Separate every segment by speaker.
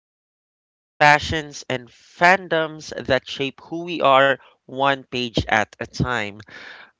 Speaker 1: stories, passions, and fandoms that shape who we are one page at a time.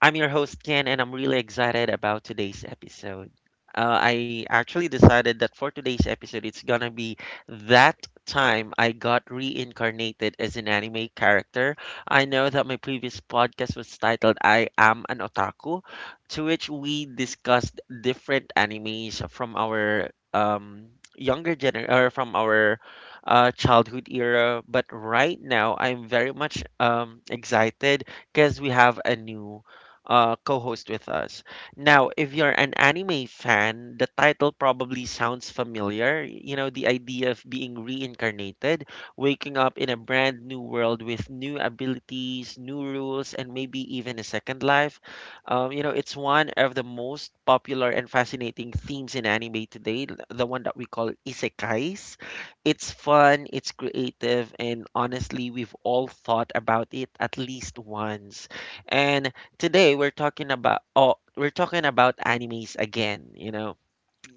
Speaker 1: I'm your host, Ken, and I'm really excited about today's episode. I actually decided that for today's episode, it's gonna be that time I got reincarnated as an anime character. I know that my previous podcast was titled I Am an Otaku, to which we discussed different animes from our younger gener or from our childhood era. But right now, I'm very much excited because we have a new co-host with us. Now, if you're an anime fan, the title probably sounds familiar. You know, the idea of being reincarnated, waking up in a brand new world with new abilities, new rules, and maybe even a second life. It's one of the most popular and fascinating themes in anime today, the one that we call isekais. It's fun, it's creative, and honestly, we've all thought about it at least once. And today we're talking about oh, we're talking about animes again.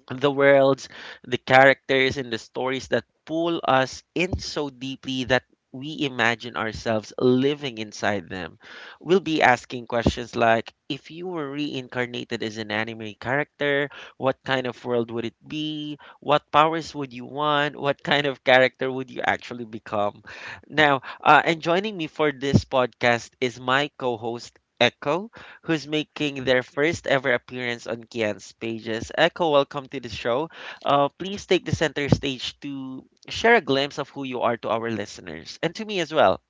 Speaker 1: The worlds, the characters and the stories that pull us in so deeply that we imagine ourselves living inside them. We'll be asking questions like if you were reincarnated as an anime character, what kind of world would it be? What powers would you want? What kind of character would you actually become? Now, and joining me for this podcast is my co host, Echo who's making their first ever appearance on Kian's pages. Echo, welcome to the show. Please take the center stage to share a glimpse of who you are to our listeners and to me as well.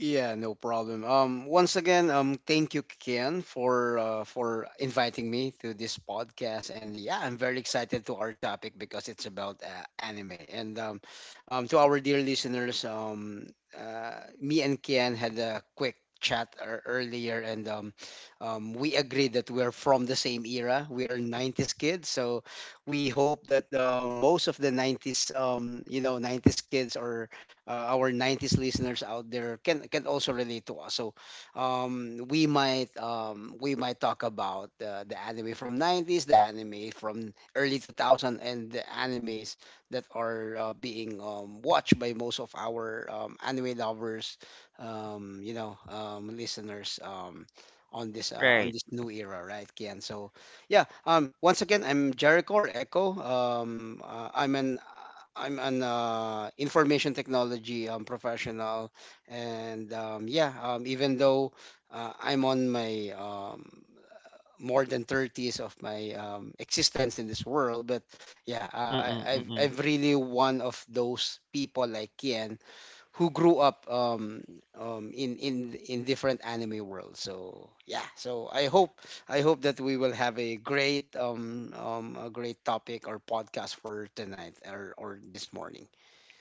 Speaker 2: Yeah, no problem. Once again, thank you, Ken, for inviting me to this podcast. And yeah, I'm very excited to our topic because it's about anime. And To our dear listeners, me and Ken had a quick chat earlier, and we agreed that we are from the same era. We are 90s kids, so we hope that most of the 90s, 90s kids are our 90s listeners out there can also relate to us. So we might talk about the anime from 90s, the anime from early 2000, and the animes that are being watched by most of our anime lovers, listeners. Um, on this uh, on
Speaker 1: Right.
Speaker 2: this new era, right, Kian? So yeah. Once again, I'm Jericho or Echo. I'm an information technology professional, and yeah. Even though I'm on my more than 30s of my existence in this world, but yeah I, I've,
Speaker 1: Mm-mm-mm.
Speaker 2: I've really one of those people like Kian who grew up in different anime worlds. So yeah, so I hope that we will have a great topic or podcast for tonight or this morning.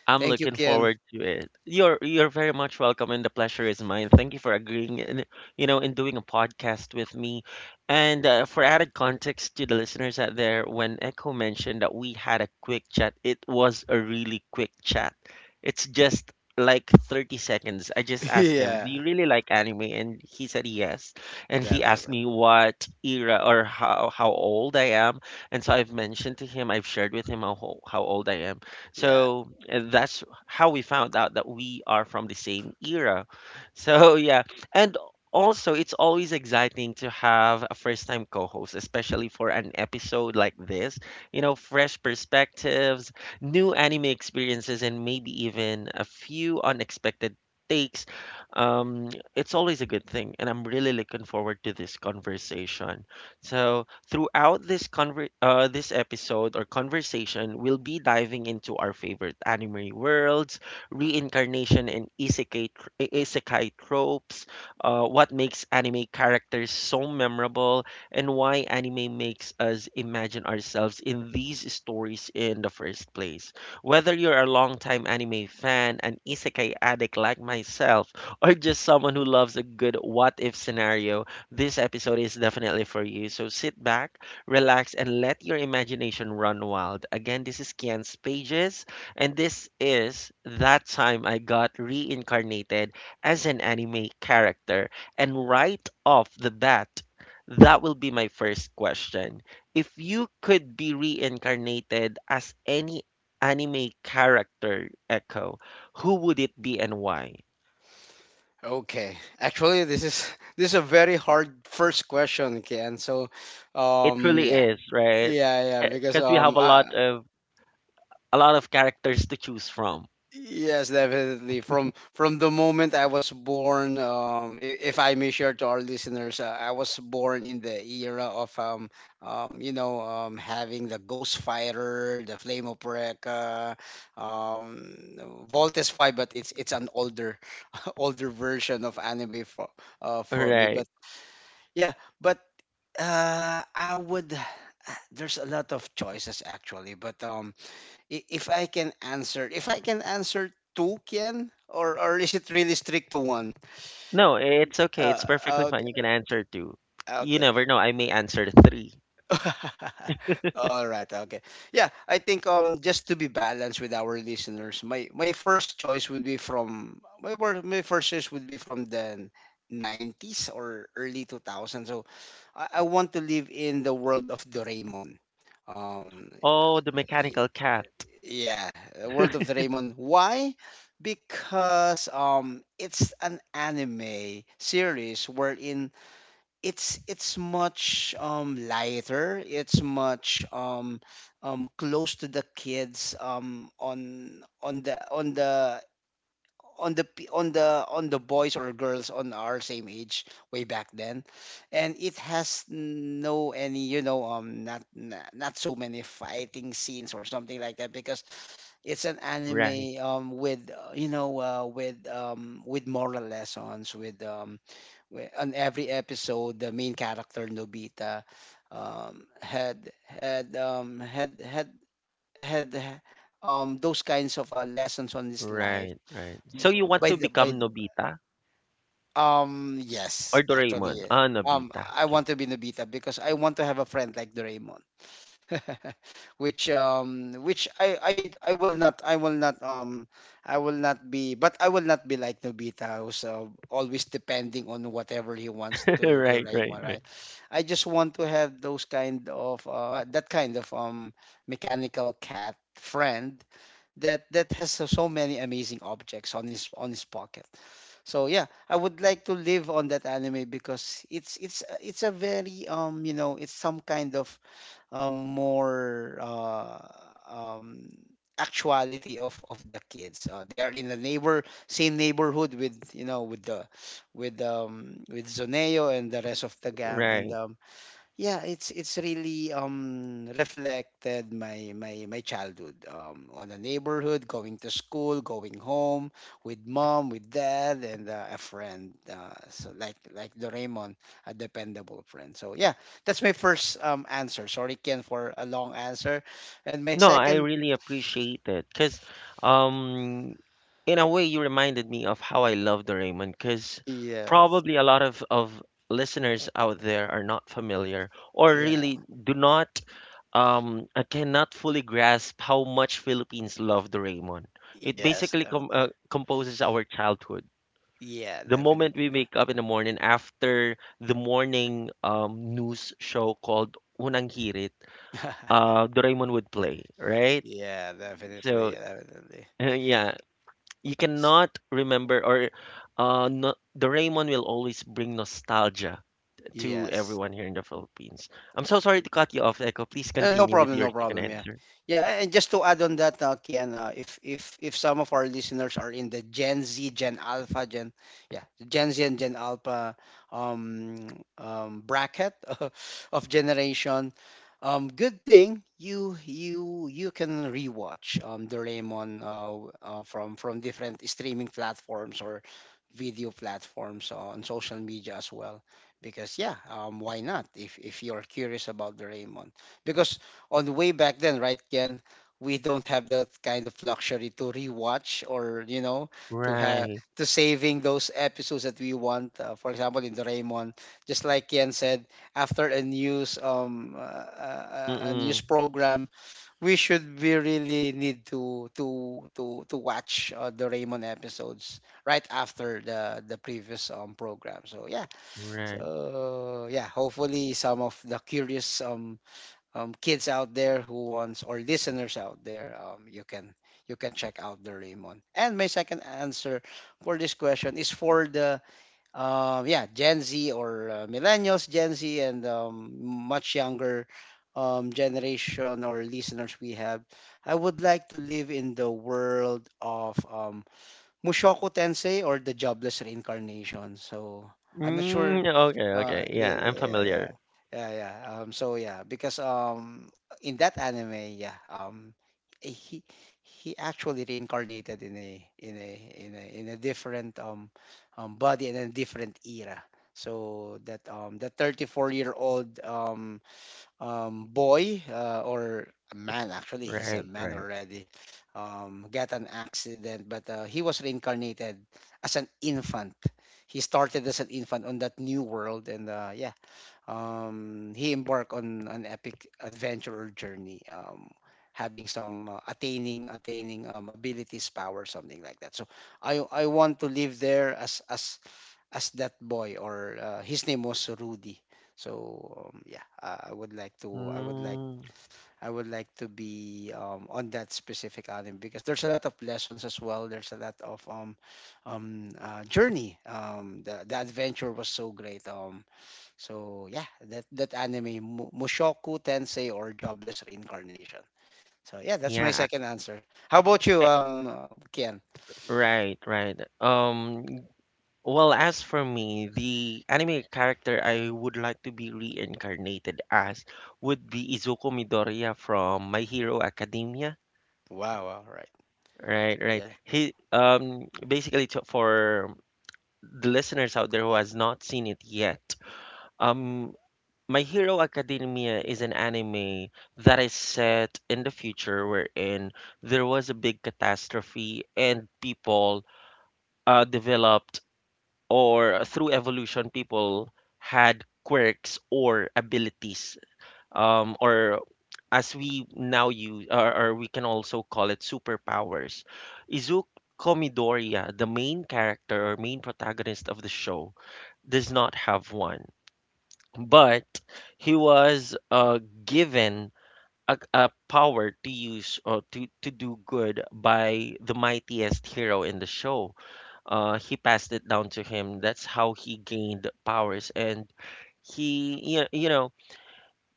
Speaker 1: I'm
Speaker 2: Thank you,
Speaker 1: looking
Speaker 2: Kian.
Speaker 1: forward to it. You're very much welcome, and the pleasure is mine. Thank you for agreeing, in, you know, in doing a podcast with me. And for added context to the listeners out there, when Echo mentioned that we had a quick chat, it was a really quick chat. It's just like 30 seconds. I just asked him, "Do
Speaker 2: Yeah,
Speaker 1: you really like anime?" And he said yes. And he asked
Speaker 2: definitely.
Speaker 1: me what era or how old I am. And so I've mentioned to him, I've shared with him how how old I am
Speaker 2: Yeah.
Speaker 1: so that's how we found out that we are from the same era. So yeah, and also it's always exciting to have a first-time co-host, especially for an episode like this. You know, fresh perspectives, new anime experiences, and maybe even a few unexpected takes. Um, it's always a good thing, and I'm really looking forward to this conversation. So, throughout this this episode or conversation, we'll be diving into our favorite anime worlds, reincarnation and isekai, isekai tropes, what makes anime characters so memorable, and why anime makes us imagine ourselves in these stories in the first place. Whether you're a longtime anime fan, an isekai addict like myself, or just someone who loves a good what if scenario, this episode is definitely for you, so sit back, relax, and let your imagination run wild. Again, this is Kian's Pages, and this is That Time I Got Reincarnated as an Anime Character. And right off the bat, that will be my first question. If you could be reincarnated as any anime character, Echo, who would it be and why?
Speaker 2: Okay. Actually, this is this is a very hard first question, Kian. So,
Speaker 1: It truly
Speaker 2: yeah.
Speaker 1: is, right?
Speaker 2: Yeah, yeah, because
Speaker 1: because we have
Speaker 2: um, I,
Speaker 1: a lot of characters to choose from.
Speaker 2: Yes, definitely. From the moment I was born, if I may share to our listeners, I was born in the era of having the Ghost Fighter, the Flame of Recca, um, Voltes Five, but it's an older older version of anime from me.
Speaker 1: Right.
Speaker 2: But, yeah, but I would. There's a lot of choices, actually, but if I can answer two, Kian, or is it really strict to one?
Speaker 1: No, it's okay. It's perfectly fine.
Speaker 2: Okay,
Speaker 1: You can answer two. You
Speaker 2: okay.
Speaker 1: never know. I may answer three.
Speaker 2: All right, okay. Yeah, I think just to be balanced with our listeners, my first choice would be from my wor- my first choice would be from the 90s or early 2000. So I want to live in the world of Doraemon. Um,
Speaker 1: Oh, the mechanical cat.
Speaker 2: Yeah, world of Draymond. Why? Because it's an anime series wherein it's much lighter. It's much close to the kids on the on the on the pe- on the boys or girls on our same age way back then, and it has no any, not so many fighting scenes or something like that, because it's an
Speaker 1: Right,
Speaker 2: anime with moral lessons, on every episode the main character Nobita um had had um had had had h- those kinds of lessons on his life
Speaker 1: right, right. So you
Speaker 2: B-
Speaker 1: want
Speaker 2: by
Speaker 1: to
Speaker 2: the by
Speaker 1: become
Speaker 2: the,
Speaker 1: Nobita
Speaker 2: yes,
Speaker 1: or
Speaker 2: actually
Speaker 1: Doraemon?
Speaker 2: eh.
Speaker 1: Ah,
Speaker 2: Um.
Speaker 1: Nobita.
Speaker 2: I
Speaker 1: Okay.
Speaker 2: want to be Nobita because I want to have a friend like Doraemon. Which I will not, I will not be but I will not be like Nobita, who's always depending on whatever he wants to
Speaker 1: Right, right,
Speaker 2: Doraemon,
Speaker 1: right,
Speaker 2: right? I just want to have those kind of mechanical cat friend, that has so many amazing objects on his pocket. So yeah, I would like to live on that anime, because it's a very, it's some kind of more, um, actuality of the kids. They are in the neighbor same neighborhood with you know with the with Zoneo and the rest of the gang, and
Speaker 1: right.
Speaker 2: yeah, it's really reflected my childhood on a neighborhood, going to school, going home with mom, with dad, and a friend. So, like Doraemon, a dependable friend. So yeah, that's my first answer. Sorry, Ken, for a long answer. And my
Speaker 1: No, I
Speaker 2: second...
Speaker 1: really appreciate it because, um, in a way, you reminded me of how I love Doraemon because
Speaker 2: Yes,
Speaker 1: probably a lot of listeners out there are not familiar or
Speaker 2: yeah,
Speaker 1: really do not, cannot fully grasp how much Philippines love Doraemon. It
Speaker 2: yes,
Speaker 1: basically
Speaker 2: definitely.
Speaker 1: composes our childhood.
Speaker 2: Yeah,
Speaker 1: The
Speaker 2: definitely.
Speaker 1: moment we wake up in the morning after the morning news show called Unang Hirit, Doraemon would play, right?
Speaker 2: Yeah, definitely,
Speaker 1: So
Speaker 2: definitely.
Speaker 1: yeah, you
Speaker 2: S-
Speaker 1: cannot remember or no, Doraemon will always bring nostalgia to
Speaker 2: yes.
Speaker 1: everyone here in the Philippines. I'm so sorry to cut you off, Echo. Please
Speaker 2: No
Speaker 1: continue with
Speaker 2: problem,
Speaker 1: your
Speaker 2: no
Speaker 1: second
Speaker 2: problem. Yeah,
Speaker 1: answer.
Speaker 2: yeah. And just to add on that, Kian, if some of our listeners are in the Gen Z, Gen Alpha, yeah, Gen Z and Gen Alpha um, bracket of generation, good thing you can rewatch Doraemon, from different streaming platforms or video platforms on social media as well. Because, yeah, why not? If you're curious about Doraemon, because on the way back then, right, Ken, we don't have that kind of luxury to rewatch, or to have
Speaker 1: Right.
Speaker 2: to saving those episodes that we want. For example, in Doraemon, just like Ken said, after a news
Speaker 1: Mm-mm.
Speaker 2: program, we really need to watch Doraemon episodes right after the previous program. So yeah,
Speaker 1: Right.
Speaker 2: so yeah, hopefully some of the curious kids out there, who wants, or listeners out there, you can check out the Raymond. And my second answer for this question is for the yeah, Gen Z or millennials, Gen Z, and much younger generation or listeners we have. I would like to live in the world of Mushoku Tensei or The Jobless Reincarnation. So, I'm not sure.
Speaker 1: Mm, okay, okay. Yeah, I'm
Speaker 2: Yeah,
Speaker 1: familiar.
Speaker 2: yeah, yeah, yeah. So yeah, because in that anime, yeah, he he actually reincarnated in a different, body and a different era. So that, the 34-year-old, boy, or a man, actually, he's a
Speaker 1: Right,
Speaker 2: man
Speaker 1: right.
Speaker 2: already, got an accident, but he was reincarnated as an infant. He started as an infant on that new world, and yeah, he embarked on an epic adventure or journey, having some attaining abilities, power, something like that. So I want to live there as as that boy, or his name was Rudy. So, yeah, I would like to,
Speaker 1: Mm,
Speaker 2: I would like to be, on that specific anime because there's a lot of lessons as well. There's a lot of, journey. The adventure was so great. So yeah, that anime, Mushoku Tensei or Jobless Reincarnation. So yeah, that's my
Speaker 1: yeah. I-
Speaker 2: second answer. How about you, Kian?
Speaker 1: Right, right. Well, as for me, the anime character I would like to be reincarnated as would be Izuku Midoriya from My Hero Academia.
Speaker 2: Wow, all right.
Speaker 1: Right, right.
Speaker 2: Yeah,
Speaker 1: He basically to, for the listeners out there who has not seen it yet, um My Hero Academia is an anime that is set in the future wherein there was a big catastrophe and people developed or through evolution, people had quirks or abilities, or as we now use, or we can also call it superpowers. Izuku Midoriya, the main character or main protagonist of the show, does not have one, but he was given a power to use or to do good by the mightiest hero in the show he passed it down to him. That's how he gained powers. And he,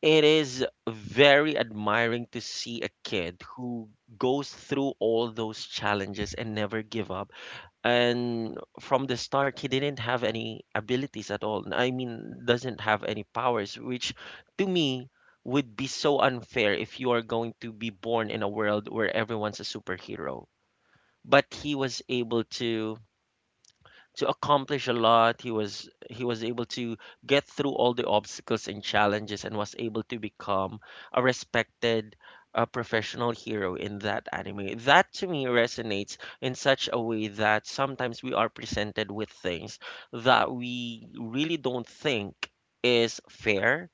Speaker 1: it is very admiring to see a kid who goes through all those challenges and never give up. And from the start, he didn't have any abilities at all. I mean, doesn't have any powers, which to me would be so unfair if you are going to be born in a world where everyone's a superhero. But he was able to accomplish a lot. He was able to get through all the obstacles and challenges and was able to become a respected professional hero in that anime. That to me resonates in such a way that sometimes we are presented with things that we really don't think is fair,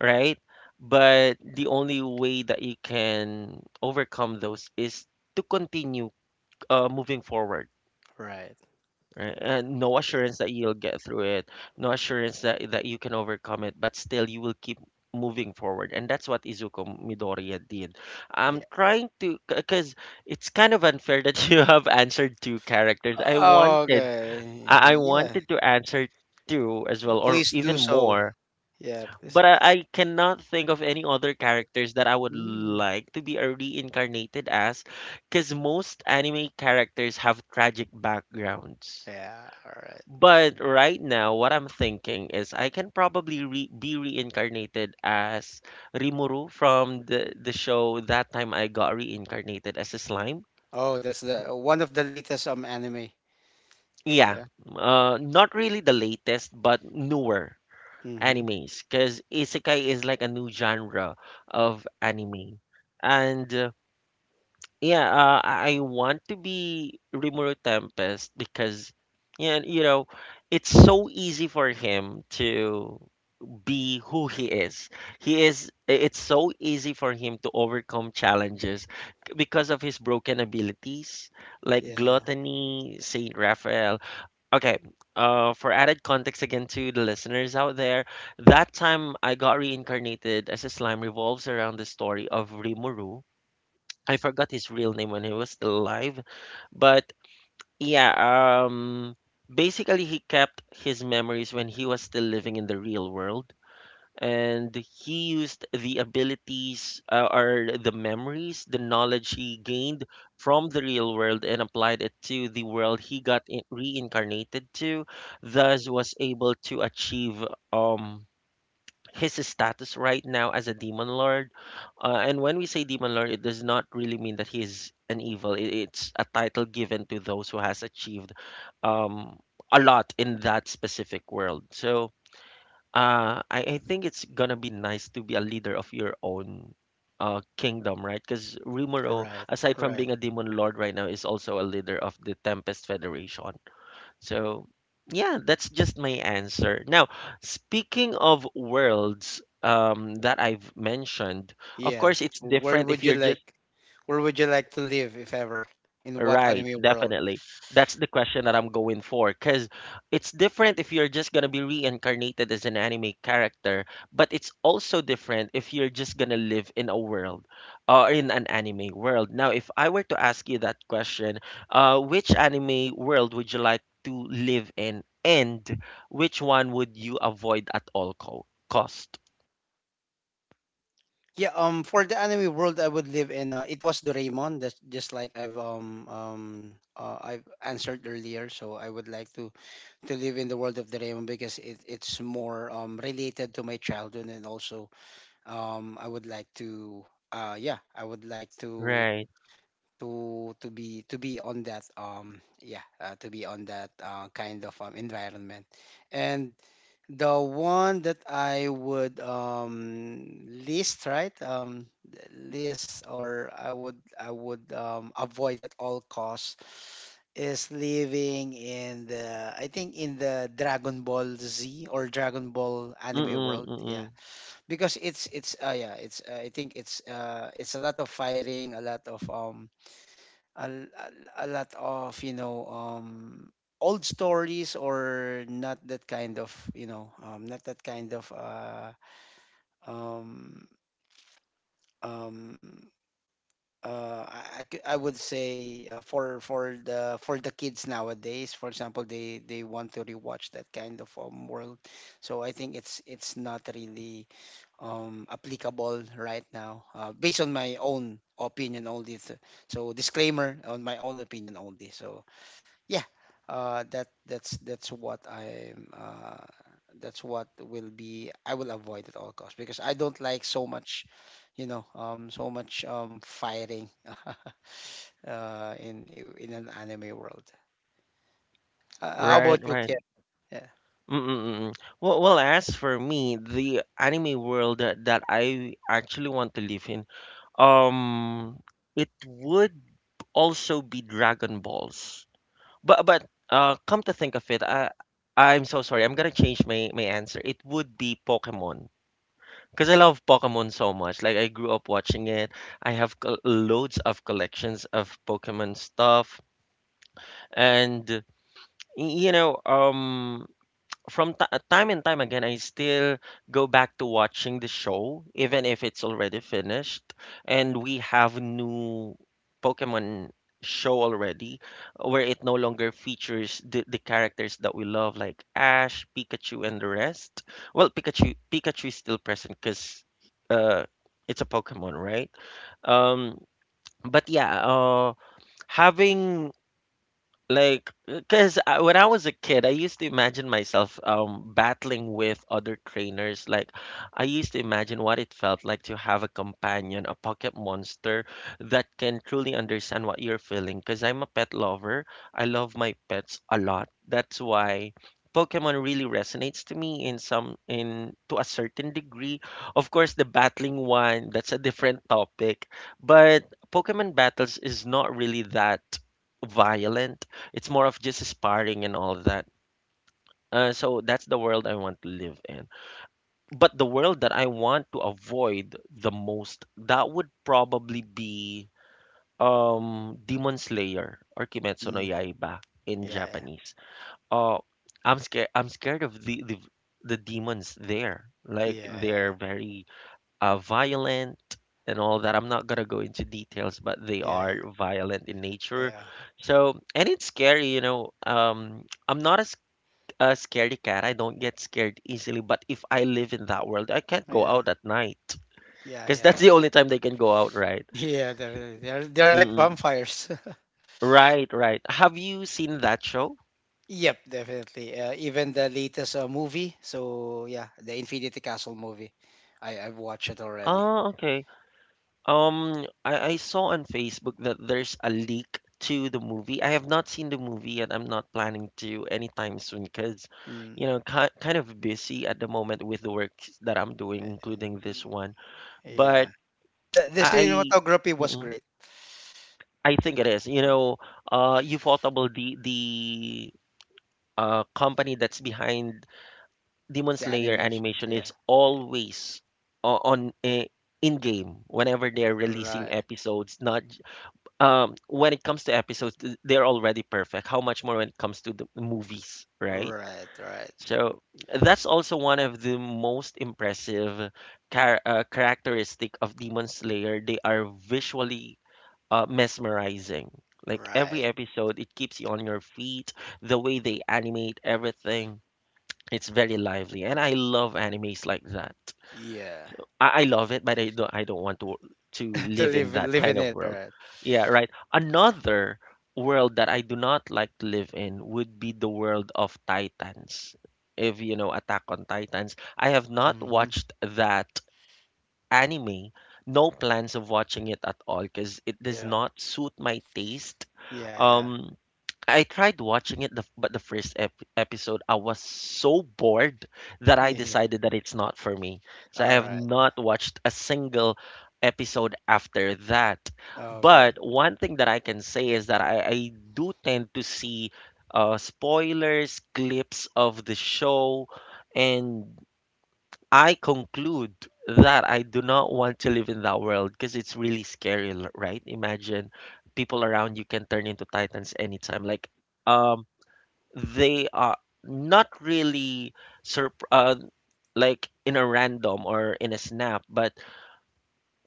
Speaker 1: right? But the only way that you can overcome those is to continue moving forward
Speaker 2: right.
Speaker 1: right? And no assurance that you'll get through it, no assurance that you can overcome it, but still you will keep moving forward. And that's what Izuku Midoriya did. I'm
Speaker 2: Yeah.
Speaker 1: trying to, because it's kind of unfair that you have answered two characters.
Speaker 2: Oh, okay.
Speaker 1: I
Speaker 2: Yeah.
Speaker 1: wanted to answer two as well, or
Speaker 2: Please do
Speaker 1: even
Speaker 2: so.
Speaker 1: more.
Speaker 2: Yeah, please.
Speaker 1: But I cannot think of any other characters that I would
Speaker 2: Mm.
Speaker 1: like to be reincarnated as, because most anime characters have tragic backgrounds
Speaker 2: Yeah, all right.
Speaker 1: but right now, what I'm thinking is I can probably re be reincarnated as Rimuru from the show That Time I Got Reincarnated as a Slime.
Speaker 2: Oh, that's the one of the latest anime.
Speaker 1: Yeah,
Speaker 2: Yeah.
Speaker 1: not really the latest, but newer
Speaker 2: Mm-hmm.
Speaker 1: animes, because isekai is like a new genre of anime. And yeah, I want to be Rimuru Tempest because, yeah, you know, it's so easy for him to. Be who he is. He is it's so easy for him to overcome challenges because of his broken abilities like
Speaker 2: Yeah.
Speaker 1: gluttony, Saint Raphael. Okay, for added context again to the listeners out there, that time I got reincarnated as a slime revolves around the story of Rimuru. I forgot his real name when he was still alive, but yeah, um basically he kept his memories when he was still living in the real world and he used the abilities or the memories, the knowledge he gained from the real world and applied it to the world he got reincarnated to, thus was able to achieve um his status right now as a demon lord. And when we say demon lord, it does not really mean that he is an evil. It's a title given to those who has achieved um a lot in that specific world. So I think it's gonna be nice to be a leader of your own kingdom, right? Because Rimuro,
Speaker 2: Right.
Speaker 1: aside from
Speaker 2: Right.
Speaker 1: being a demon lord right now, is also a leader of the Tempest Federation. So yeah, that's just my answer. Now, speaking of worlds that I've mentioned, of
Speaker 2: Yeah.
Speaker 1: course it's
Speaker 2: Where
Speaker 1: different
Speaker 2: would
Speaker 1: if
Speaker 2: you
Speaker 1: you're just
Speaker 2: like where would you like to live if ever? In what
Speaker 1: Right,
Speaker 2: anime world?
Speaker 1: definitely. That's the question that I'm going for because it's different if you're just gonna be reincarnated as an anime character, but it's also different if you're just gonna live in a world or in an anime world. Now, if I were to ask you that question, which anime world would you like to live in, and which one would you avoid at all co cost?
Speaker 2: Yeah, for the anime world I would live in, it was Doraemon. That's just like I've answered earlier. So I would like to live in the world of Doraemon, because it's more related to my childhood, and also I would like to, yeah I would like to,
Speaker 1: Right.
Speaker 2: be to be on that, to be on that, kind of environment. And the one that I would list, right? List, or I would, I would avoid at all costs, is living in the, I think, in the Dragon Ball Z or Dragon Ball anime
Speaker 1: Mm-mm,
Speaker 2: world, yeah.
Speaker 1: mm-mm.
Speaker 2: Because it's yeah, it's, I think it's, it's a lot of firing, a lot of, a, a, a lot of, old stories, or not that kind of, not that kind of, um um I would say, for the for the kids nowadays, for example, they want to rewatch that kind of world, so I think it's not really applicable right now, based on my own opinion only. So, disclaimer, on my own opinion only. So, yeah, that that's what I'm, that's what will be, I will avoid at all costs, because I don't like so much, so much fighting. uh in in an anime world. How
Speaker 1: Right,
Speaker 2: about you,
Speaker 1: right.
Speaker 2: Kian? Yeah.
Speaker 1: Mm, mm, mm. Well, as for me, the anime world that I actually want to live in, um, it would also be Dragon Balls. But come to think of it, I I'm so sorry. I'm gonna change my answer. It would be Pokemon, because I love Pokemon so much. Like, I grew up watching it. I have loads of collections of Pokemon stuff. And, y- you know, um, from time and time again, I still go back to watching the show, even if it's already finished. And we have new Pokemon show already, where it no longer features the characters that we love, like Ash, Pikachu, and the rest. Well, Pikachu is still present because uh, it's a Pokemon, right? Um, but yeah, having like, because when I was a kid, I used to imagine myself battling with other trainers. Like, I used to imagine what it felt like to have a companion, a pocket monster that can truly understand what you're feeling. Because I'm a pet lover, I love my pets a lot. That's why Pokemon really resonates to me in some in to a certain degree. Of course, the battling one, that's a different topic, but Pokemon battles is not really that violent. It's more of just sparring and all that. So that's the world I want to live in. But the world that I want to avoid the most, that would probably be Demon Slayer, or Kimetsu no
Speaker 2: Mm,
Speaker 1: Yaiba in
Speaker 2: yeah, yeah,
Speaker 1: Japanese. Uh, I'm scared. I'm scared of the demons there. Like,
Speaker 2: yeah,
Speaker 1: they're very violent and all that. I'm not gonna go into details, but they
Speaker 2: yeah, yeah,
Speaker 1: are violent in nature.
Speaker 2: yeah,
Speaker 1: So, and it's scary, you know. I'm not as a scaredy cat. I don't get scared easily, but if I live in that world, I can't go
Speaker 2: yeah,
Speaker 1: out at night,
Speaker 2: yeah.
Speaker 1: because
Speaker 2: Yeah.
Speaker 1: that's the only time they can go out, right?
Speaker 2: Yeah, definitely. They're like
Speaker 1: Mm-mm.
Speaker 2: vampires.
Speaker 1: Right, right. Have you seen that show?
Speaker 2: Yep, definitely. Even the latest movie. So yeah, the Infinity Castle movie. I've watched it already.
Speaker 1: Oh, okay. I, saw on Facebook that there's a leak to the movie. I have not seen the movie and I'm not planning to anytime soon because, you
Speaker 2: Mm,
Speaker 1: know, ki kind of busy at the moment with the work that I'm doing, including this
Speaker 2: mm,
Speaker 1: one.
Speaker 2: yeah,
Speaker 1: But
Speaker 2: the
Speaker 1: I,
Speaker 2: cinematography was
Speaker 1: I
Speaker 2: great.
Speaker 1: I think it is. You
Speaker 2: Or
Speaker 1: know, Ufotable, the company that's behind Demon
Speaker 2: the
Speaker 1: Slayer
Speaker 2: animation.
Speaker 1: animation,
Speaker 2: Yeah,
Speaker 1: is
Speaker 2: yeah.
Speaker 1: always o- on eh, in game whenever they're releasing
Speaker 2: Right.
Speaker 1: episodes. Not j- When it comes to episodes, they're already perfect. How much more when it comes to the movies, right?
Speaker 2: Right. Right.
Speaker 1: So that's also one of the most impressive characteristic of Demon Slayer. They are visually mesmerizing. Like, every
Speaker 2: Right.
Speaker 1: episode, it keeps you on your feet. The way they animate everything, it's very lively, and I love animes like that.
Speaker 2: Yeah.
Speaker 1: So I, love it, but I don't. I don't want to
Speaker 2: to
Speaker 1: live in
Speaker 2: live
Speaker 1: that
Speaker 2: live
Speaker 1: kind
Speaker 2: in
Speaker 1: of
Speaker 2: it.
Speaker 1: world.
Speaker 2: Right.
Speaker 1: Yeah, right. Another world that I do not like to live in would be the world of Titans. If you know Attack on Titans, I have not
Speaker 2: Mm-hmm.
Speaker 1: watched that anime. No plans of watching it at all because it does
Speaker 2: Yeah.
Speaker 1: not suit my taste.
Speaker 2: Yeah.
Speaker 1: Um, I tried watching it, but the episode, I was so bored that I
Speaker 2: Yeah. Yeah.
Speaker 1: decided that it's not for me. So I
Speaker 2: All
Speaker 1: have
Speaker 2: right.
Speaker 1: not watched a single episode after that. But
Speaker 2: Okay.
Speaker 1: one thing that I can say is that I, do tend to see spoilers, clips of the show, and I conclude that I do not want to live in that world because it's really scary, right? Imagine people around you can turn into titans anytime. Like, um, they are not really sur like in a random or in a snap, but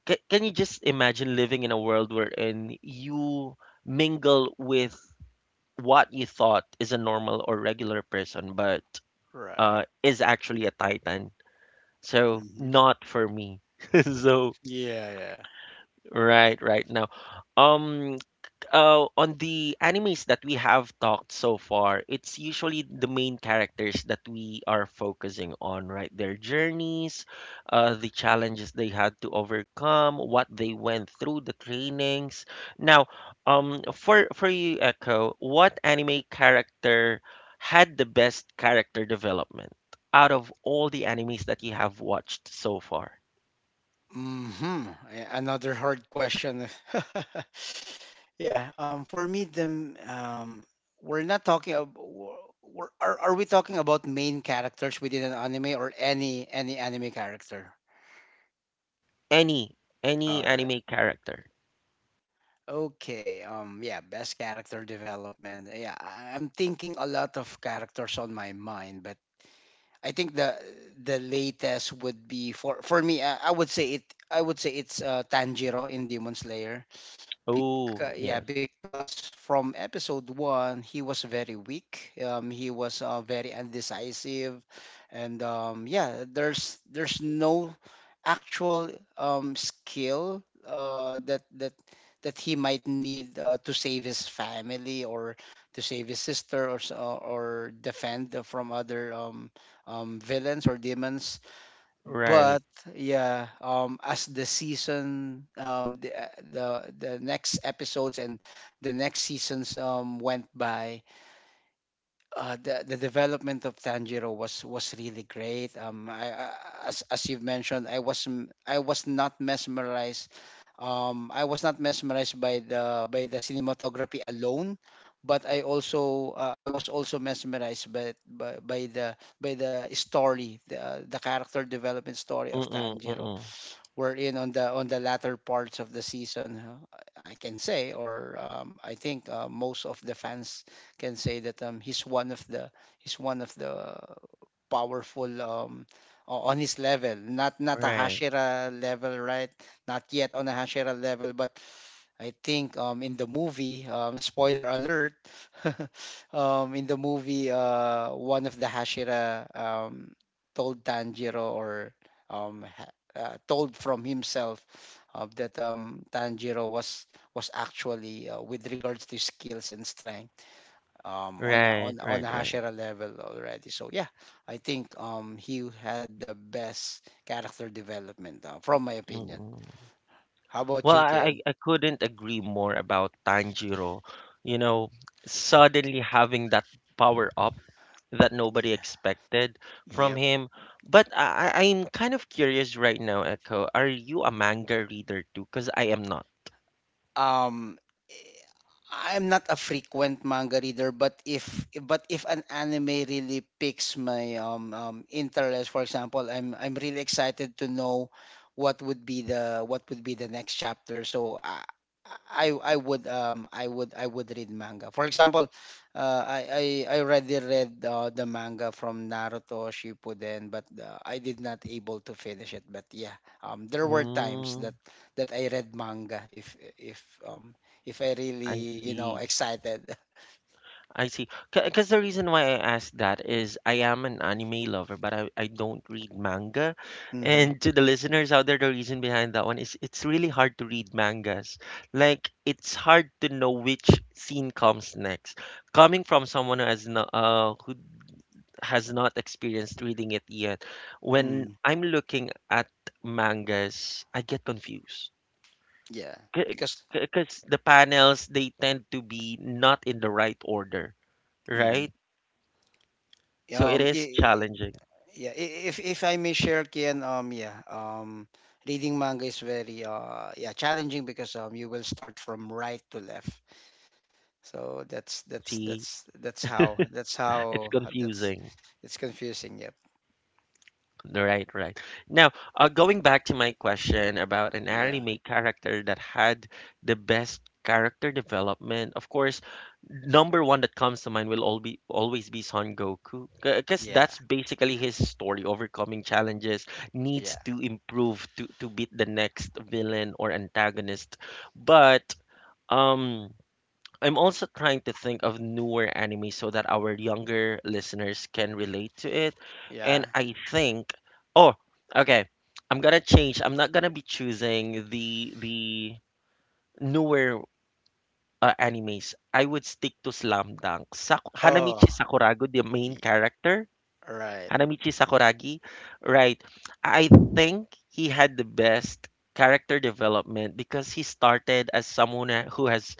Speaker 1: c can you just imagine living in a world wherein you mingle with what you thought is a normal or regular person, but
Speaker 2: Right.
Speaker 1: is actually a titan? So
Speaker 2: Mm-hmm.
Speaker 1: not for me. so
Speaker 2: Yeah. Yeah.
Speaker 1: right, right now. Um on the animes that we have talked so far, it's usually the main characters that we are focusing on, right? Their journeys, the challenges they had to overcome, what they went through, the trainings. Now, for you, Echo, what anime character had the best character development out of all the animes that you have watched so far?
Speaker 2: Mm-hmm. Another hard question. Yeah, for me, we're not talking. Ab- w- we're, are we talking about main characters within an anime or any anime character?
Speaker 1: Any
Speaker 2: All
Speaker 1: any
Speaker 2: right.
Speaker 1: anime character.
Speaker 2: Okay. Yeah. Best character development. Yeah. I'm thinking a lot of characters on my mind, but I think the latest would be for me. I would say it. I would say it's Tanjiro in Demon Slayer.
Speaker 1: Oh,
Speaker 2: Because, yeah,
Speaker 1: yes.
Speaker 2: because from episode one, he was very weak. He was very undecisive, and yeah, there's no actual skill that he might need to save his family or to save his sister or or defend from other villains or demons,
Speaker 1: Right.
Speaker 2: but yeah as the season, the next episodes and the next seasons went by. The development of Tanjiro was really great. I as you've mentioned, I was not mesmerized. I was not mesmerized by the cinematography alone, but I also I was also mesmerized by the story, the character development story of
Speaker 1: Mm-mm,
Speaker 2: Tanjiro.
Speaker 1: mm-mm.
Speaker 2: We're in on the latter parts of the season, huh? I can say, or I think most of the fans can say that he's one of the powerful, o- on his level, not a
Speaker 1: Right.
Speaker 2: Hashira level, right? Not yet on a Hashira level, but I think in the movie, spoiler alert, in the movie, one of the Hashira told Tanjiro, or um, ha- told from himself that Tanjiro was actually with regards to skills and strength, on a,
Speaker 1: Right,
Speaker 2: on on
Speaker 1: right,
Speaker 2: a
Speaker 1: right.
Speaker 2: Hashira level already. So yeah, I think he had the best character development, from my opinion.
Speaker 1: Mm-mm.
Speaker 2: How about
Speaker 1: Well,
Speaker 2: you, Ken?
Speaker 1: I couldn't agree more about Tanjiro. You know, suddenly having that power up that nobody
Speaker 2: Yeah.
Speaker 1: expected from
Speaker 2: Yep.
Speaker 1: him. But I'm kind of curious right now, Echo. Are you a manga reader too? Because I am not.
Speaker 2: Um, eh, I'm not a frequent manga reader, but if an anime really piques my interest. For example, I'm really excited to know what would be the next chapter. So I would read manga. For example, I already read the manga from Naruto Shippuden, but I did not able to finish it. But yeah, there were times that
Speaker 1: Mm,
Speaker 2: I read manga if I
Speaker 1: I
Speaker 2: really, you know,
Speaker 1: see.
Speaker 2: excited.
Speaker 1: I see. Because the reason why I asked that is I am an anime lover, but I, don't read manga.
Speaker 2: Mm-hmm.
Speaker 1: And to the listeners out there, the reason behind that one is it's really hard to read mangas. Like, it's hard to know which scene comes next. Coming from someone who has not experienced reading it yet, when
Speaker 2: Mm,
Speaker 1: I'm looking at mangas, I get confused.
Speaker 2: yeah, because
Speaker 1: Because the panels, they tend to be not in the right order, right?
Speaker 2: mhm.
Speaker 1: So it
Speaker 2: um
Speaker 1: is
Speaker 2: i-
Speaker 1: challenging.
Speaker 2: yeah, if I may share, Kian, reading manga is very challenging because you will start from right to left. So
Speaker 1: See,
Speaker 2: that's how that's
Speaker 1: it's
Speaker 2: how that's
Speaker 1: confusing.
Speaker 2: it's confusing. Yep.
Speaker 1: Right, right. Now, going back to my question about an
Speaker 2: Yeah.
Speaker 1: anime character that had the best character development, of course, number one that comes to mind will all be always be Son Goku, because
Speaker 2: Yeah.
Speaker 1: that's basically his story, overcoming challenges, needs
Speaker 2: Yeah.
Speaker 1: to improve to beat the next villain or antagonist. But um. I'm also trying to think of newer anime so that our younger listeners can relate to it.
Speaker 2: Yeah.
Speaker 1: And I think, oh, okay, I'm gonna change. I'm not gonna be choosing the newer animes. I would stick to Slam Dunk. Hanamichi
Speaker 2: Oh,
Speaker 1: Sakurago, the main
Speaker 2: y-
Speaker 1: character,
Speaker 2: right.
Speaker 1: Hanamichi Sakuragi, right? I think he had the best character development because he started as someone who has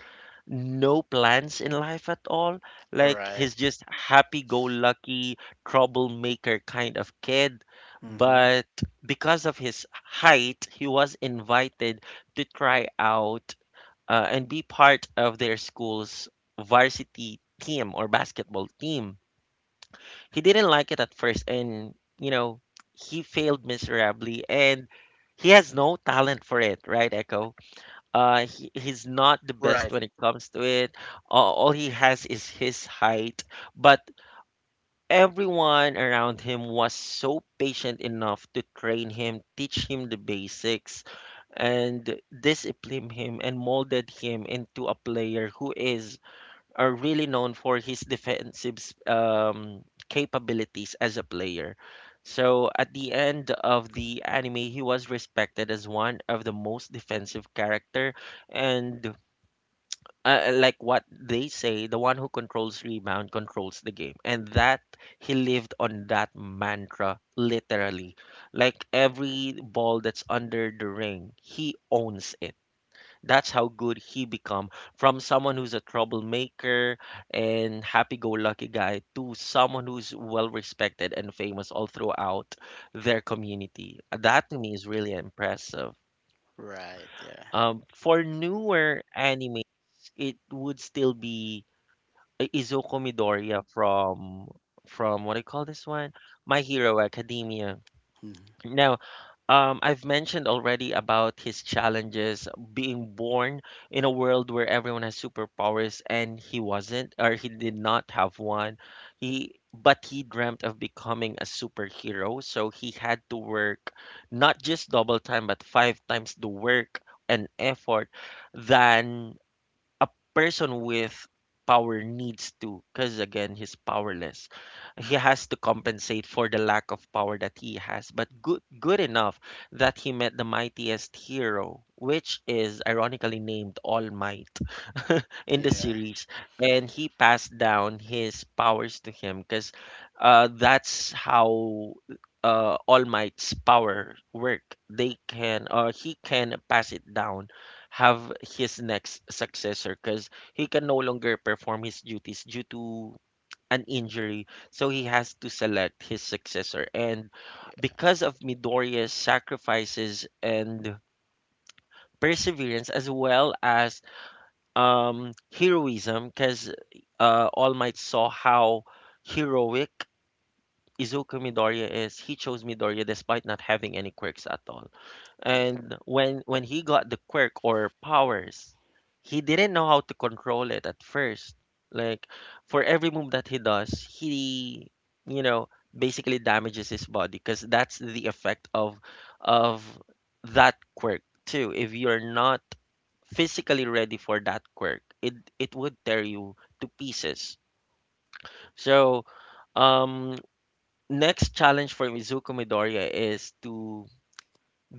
Speaker 1: no plans in life at all. Like,
Speaker 2: Right.
Speaker 1: he's just happy-go-lucky troublemaker kind of kid.
Speaker 2: Mm-hmm.
Speaker 1: But because of his height, he was invited to try out and be part of their school's varsity team or basketball team. He didn't like it at first, and you know, he failed miserably, and he has no talent for it, right, Echo? He's not the best
Speaker 2: Right.
Speaker 1: when it comes to it. All he has is his height, but everyone around him was so patient enough to train him, teach him the basics, and discipline him and molded him into a player who is really known for his defensive um, capabilities as a player. So at the end of the anime, he was respected as one of the most defensive character, and like what they say, the one who controls rebound controls the game. And that he lived on that mantra literally. Like, every ball that's under the ring, he owns it. That's how good he become from someone who's a troublemaker and happy-go-lucky guy to someone who's well respected and famous all throughout their community. That, to me, is really impressive.
Speaker 2: Right. Yeah.
Speaker 1: For newer animes, it would still be I Izuku Midoriya from what do you call this one? My Hero Academia.
Speaker 2: Mhm.
Speaker 1: Now, I've mentioned already about his challenges being born in a world where everyone has superpowers and he wasn't, or he did not have one. He but he dreamt of becoming a superhero, so he had to work not just double time but five times the work and effort than a person with power needs to, because again, he's powerless. He has to compensate for the lack of power that he has, but good enough that he met the mightiest hero, which is ironically named All Might in the
Speaker 2: Yeah.
Speaker 1: series, and he passed down his powers to him because that's how All Might's power work. He can pass it down, have his next successor because he can no longer perform his duties due to an injury. So he has to select his successor. And because of Midoriya's sacrifices and perseverance, as well as heroism, because All Might saw how heroic Izuku Midoriya is, he chose Midoriya despite not having any quirks at all.
Speaker 2: Yeah.
Speaker 1: And when he got the quirk or powers, he didn't know how to control it at first. Like, for every move that he does, he, you know, basically damages his body because that's the effect of that quirk too. If you're not physically ready for that quirk, it would tear you to pieces. So um next challenge for Mizuko Midoriya is to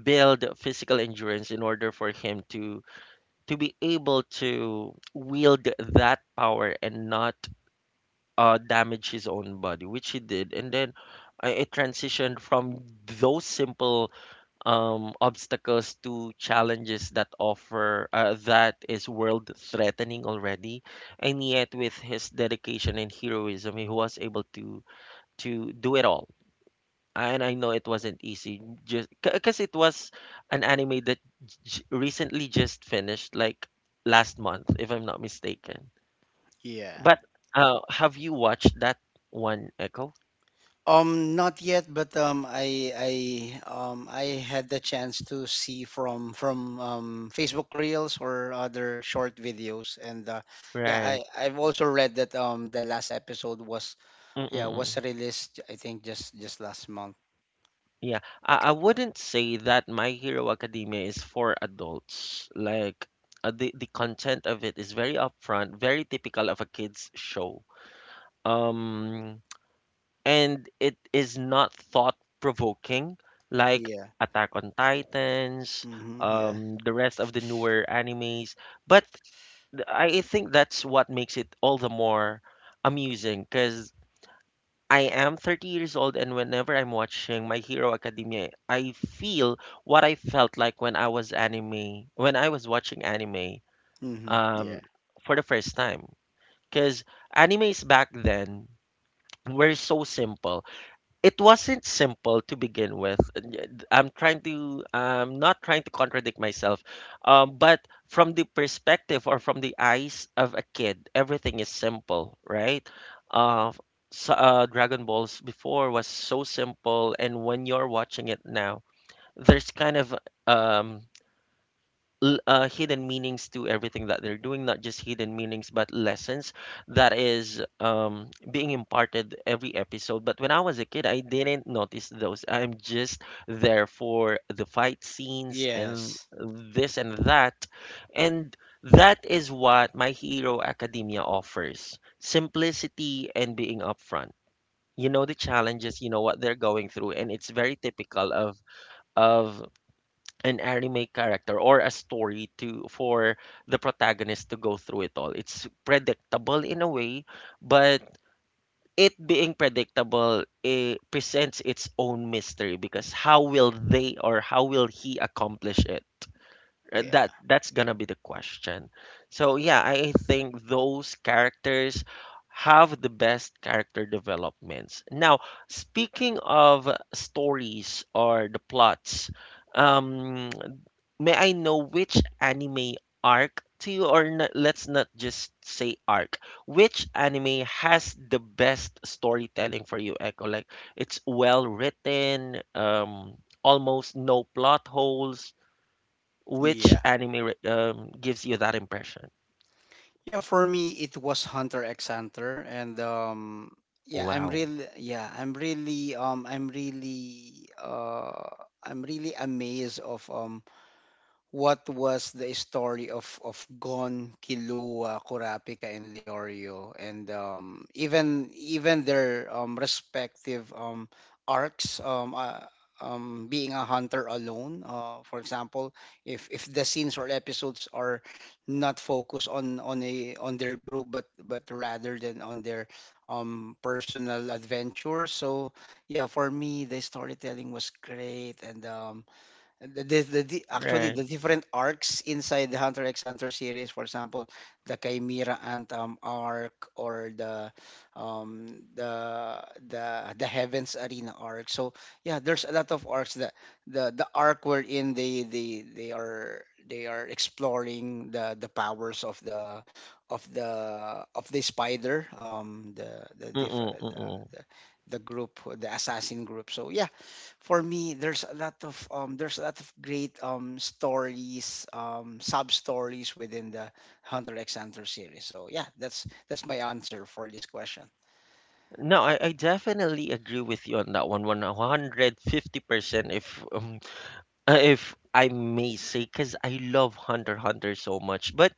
Speaker 1: build physical endurance in order for him to be able to wield that power and not damage his own body, which he did. And then it transitioned from those simple obstacles to challenges that offer that is world threatening already. And yet, with his dedication and heroism, he was able to do it all, and I know it wasn't easy just because it was an anime that recently just finished, like last month, if I'm not mistaken.
Speaker 2: Yeah.
Speaker 1: But have you watched that one, Echo?
Speaker 2: Not yet, but I had the chance to see from Facebook Reels or other short videos, and yeah,
Speaker 1: Right.
Speaker 2: I've also read that the last episode was yeah was
Speaker 1: Mm-mm.
Speaker 2: released, I think, just last month.
Speaker 1: Yeah, I wouldn't say that My Hero Academia is for adults. Like the content of it is very upfront, very typical of a kids show. Um, and it is not thought provoking like
Speaker 2: Yeah.
Speaker 1: Attack on Titans,
Speaker 2: Mm-hmm. Yeah.
Speaker 1: the rest of the newer animes. But I think that's what makes it all the more amusing because I am 30 years old, and whenever I'm watching My Hero Academia, I feel what I felt like when I was anime, when I was watching anime
Speaker 2: Mm-hmm.
Speaker 1: um,
Speaker 2: Yeah.
Speaker 1: for the first time. Because animes back then were so simple, it wasn't simple to begin with. And I'm trying to, I'm not trying to contradict myself, but from the perspective or from the eyes of a kid, everything is simple, right? Uh, so Dragon Balls before was so simple, and when you're watching it now, there's kind of um, hidden meanings to everything that they're doing, not just hidden meanings, but lessons that is being imparted every episode. But when I was a kid, I didn't notice those. I'm just there for the fight scenes and
Speaker 2: Yes.
Speaker 1: this and that. And that is what My Hero Academia offers: simplicity and being upfront. You know the challenges, you know what they're going through, and it's very typical of of an anime character or a story to for the protagonist to go through it all. It's predictable in a way, but it being predictable, it presents its own mystery, because how will they or how will he accomplish it?
Speaker 2: Yeah.
Speaker 1: That that's gonna be the question. So yeah, I think those characters have the best character developments. Now, speaking of stories or the plots, um, may I know which anime arc to you, or n let's not just say arc, which anime has the best storytelling for you, Echo? Like it's well written, almost no plot holes, which
Speaker 2: Yeah.
Speaker 1: anime gives you that impression?
Speaker 2: Yeah, for me it was Hunter X Hunter. And
Speaker 1: Wow.
Speaker 2: yeah, I'm really I'm really I'm really amazed of what was the story of Gon, Kilua, Kurapika, and Leorio, and even even their respective arcs. Being a hunter alone, for example, if the scenes or episodes are not focused on their group, but rather than on their personal adventure. So yeah, for me, the storytelling was great. And actually,
Speaker 1: Right.
Speaker 2: the different arcs inside the Hunter x Hunter series, for example, the Chimera Anthem arc, or um the Heavens Arena arc. So yeah, there's a lot of arcs. The arc wherein they are exploring the powers of the spider,
Speaker 1: Mm-mm, mm-mm.
Speaker 2: the the group, the assassin group. So yeah, for me, there's a lot of there's a lot of great stories, sub stories within the Hunter X Hunter series. So yeah, that's my answer for this question.
Speaker 1: No, I definitely agree with you on that one. 150%, if if I may say, because I love Hunter x Hunter so much. But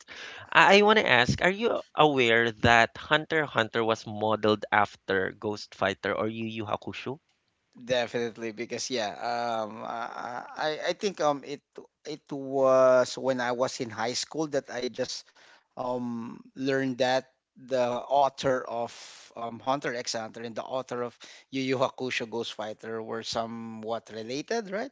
Speaker 1: I want to ask, are you aware that Hunter x Hunter was modeled after Ghost Fighter or Yu Yu Hakusho?
Speaker 2: Definitely, because yeah, I think it was when I was in high school that I just learned that the author of Hunter X Hunter and the author of Yu Yu Hakusho Ghost Fighter were somewhat related, right?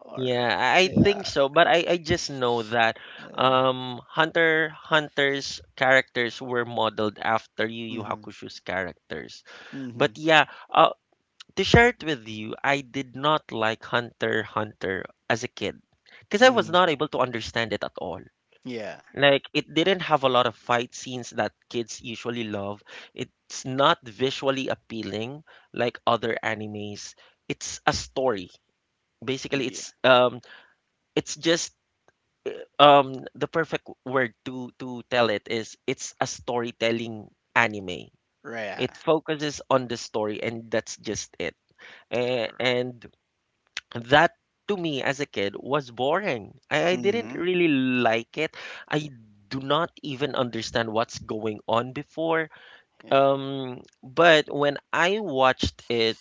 Speaker 2: Or
Speaker 1: Yeah, I
Speaker 2: yeah,
Speaker 1: think so, but I just know that
Speaker 2: Yeah.
Speaker 1: Hunter Hunter's characters were modeled after Yu Yu
Speaker 2: Mhm.
Speaker 1: Hakusho's characters. But
Speaker 2: Mhm.
Speaker 1: yeah, to share it with you, I did not like Hunter Hunter as a kid because I was
Speaker 2: Mhm.
Speaker 1: not able to understand it at all.
Speaker 2: Yeah.
Speaker 1: Like it didn't have a lot of fight scenes that kids usually love. It's not visually appealing like other animes. It's a story. Basically,
Speaker 2: Yeah.
Speaker 1: it's just the perfect word to tell it is it's a storytelling anime.
Speaker 2: Right.
Speaker 1: It focuses on the story and that's just it. And that, to me as a kid, was boring. I didn't
Speaker 2: Mhm.
Speaker 1: really like it. I do not even understand what's going on before.
Speaker 2: Yeah.
Speaker 1: But when I watched it,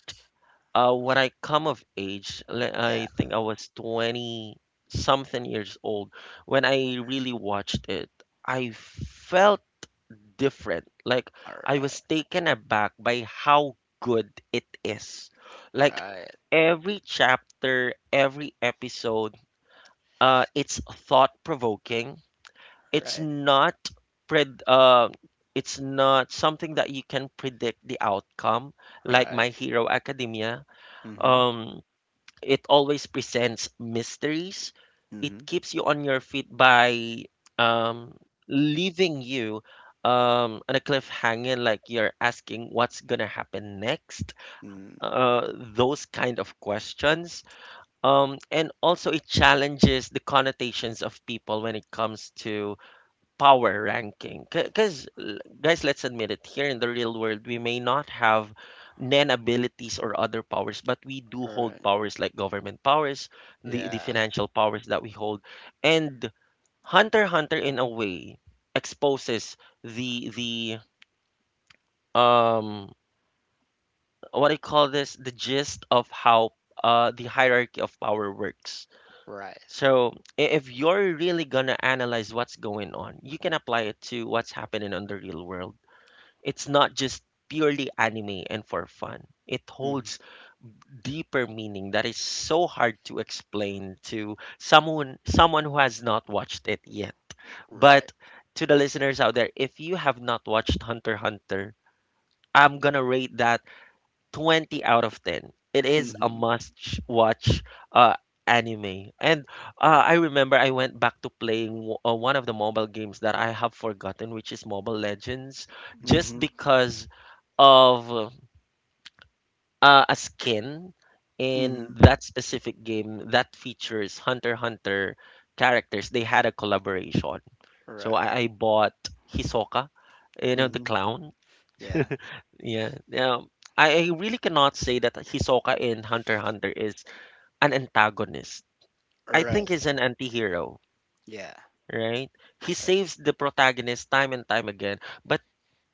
Speaker 1: when I come of age, I
Speaker 2: Yeah.
Speaker 1: think I was 20 something years old when I really watched it. I felt different. Like
Speaker 2: All
Speaker 1: I
Speaker 2: right.
Speaker 1: was taken aback by how good it is. Like
Speaker 2: Right.
Speaker 1: every chapter, every episode, it's thought provoking. It's
Speaker 2: Right.
Speaker 1: not pred it's not something that you can predict the outcome, like
Speaker 2: Right.
Speaker 1: My Hero Academia.
Speaker 2: Mhm.
Speaker 1: Um, it always presents mysteries. It
Speaker 2: Mhm.
Speaker 1: keeps you on your feet by um, leaving you on a cliffhanger, like you're asking what's gonna happen next.
Speaker 2: Mhm.
Speaker 1: Those kind of questions. And also, it challenges the connotations of people when it comes to power ranking, because guys, let's admit it, here in the real world we may not have nan abilities or other powers, but we do
Speaker 2: Mhm.
Speaker 1: hold
Speaker 2: Right.
Speaker 1: powers, like government powers, the
Speaker 2: Yeah.
Speaker 1: financial powers that we hold. And Hunter x Hunter, in a way, exposes the the what do you call this, the gist of how the hierarchy of power works.
Speaker 2: Right.
Speaker 1: So if you're really gonna analyze what's going on, you can apply it to what's happening on the real world. It's not just purely anime and for fun. It
Speaker 2: Mhm.
Speaker 1: holds deeper meaning that is so hard to explain to someone, someone who has not watched it yet.
Speaker 2: Right.
Speaker 1: But to the listeners out there, if you have not watched Hunter x Hunter, I'm gonna rate that 20 out of 10. It is a
Speaker 2: Mhm.
Speaker 1: must watch uh, anime. And I remember I went back to playing one of the mobile games that I have forgotten, which is Mobile Legends, just
Speaker 2: Mhm.
Speaker 1: because of a skin in
Speaker 2: Mhm.
Speaker 1: that specific game that features Hunter x Hunter characters. They had a collaboration. So
Speaker 2: Right.
Speaker 1: I bought Hisoka, you know, the
Speaker 2: Mhm.
Speaker 1: clown.
Speaker 2: Yeah.
Speaker 1: Yeah. Now, I really cannot say that Hisoka in Hunter x Hunter is an antagonist. I think
Speaker 2: Right.
Speaker 1: he's an anti-hero,
Speaker 2: Yeah.
Speaker 1: right? He
Speaker 2: Right.
Speaker 1: saves the protagonist time and time again, but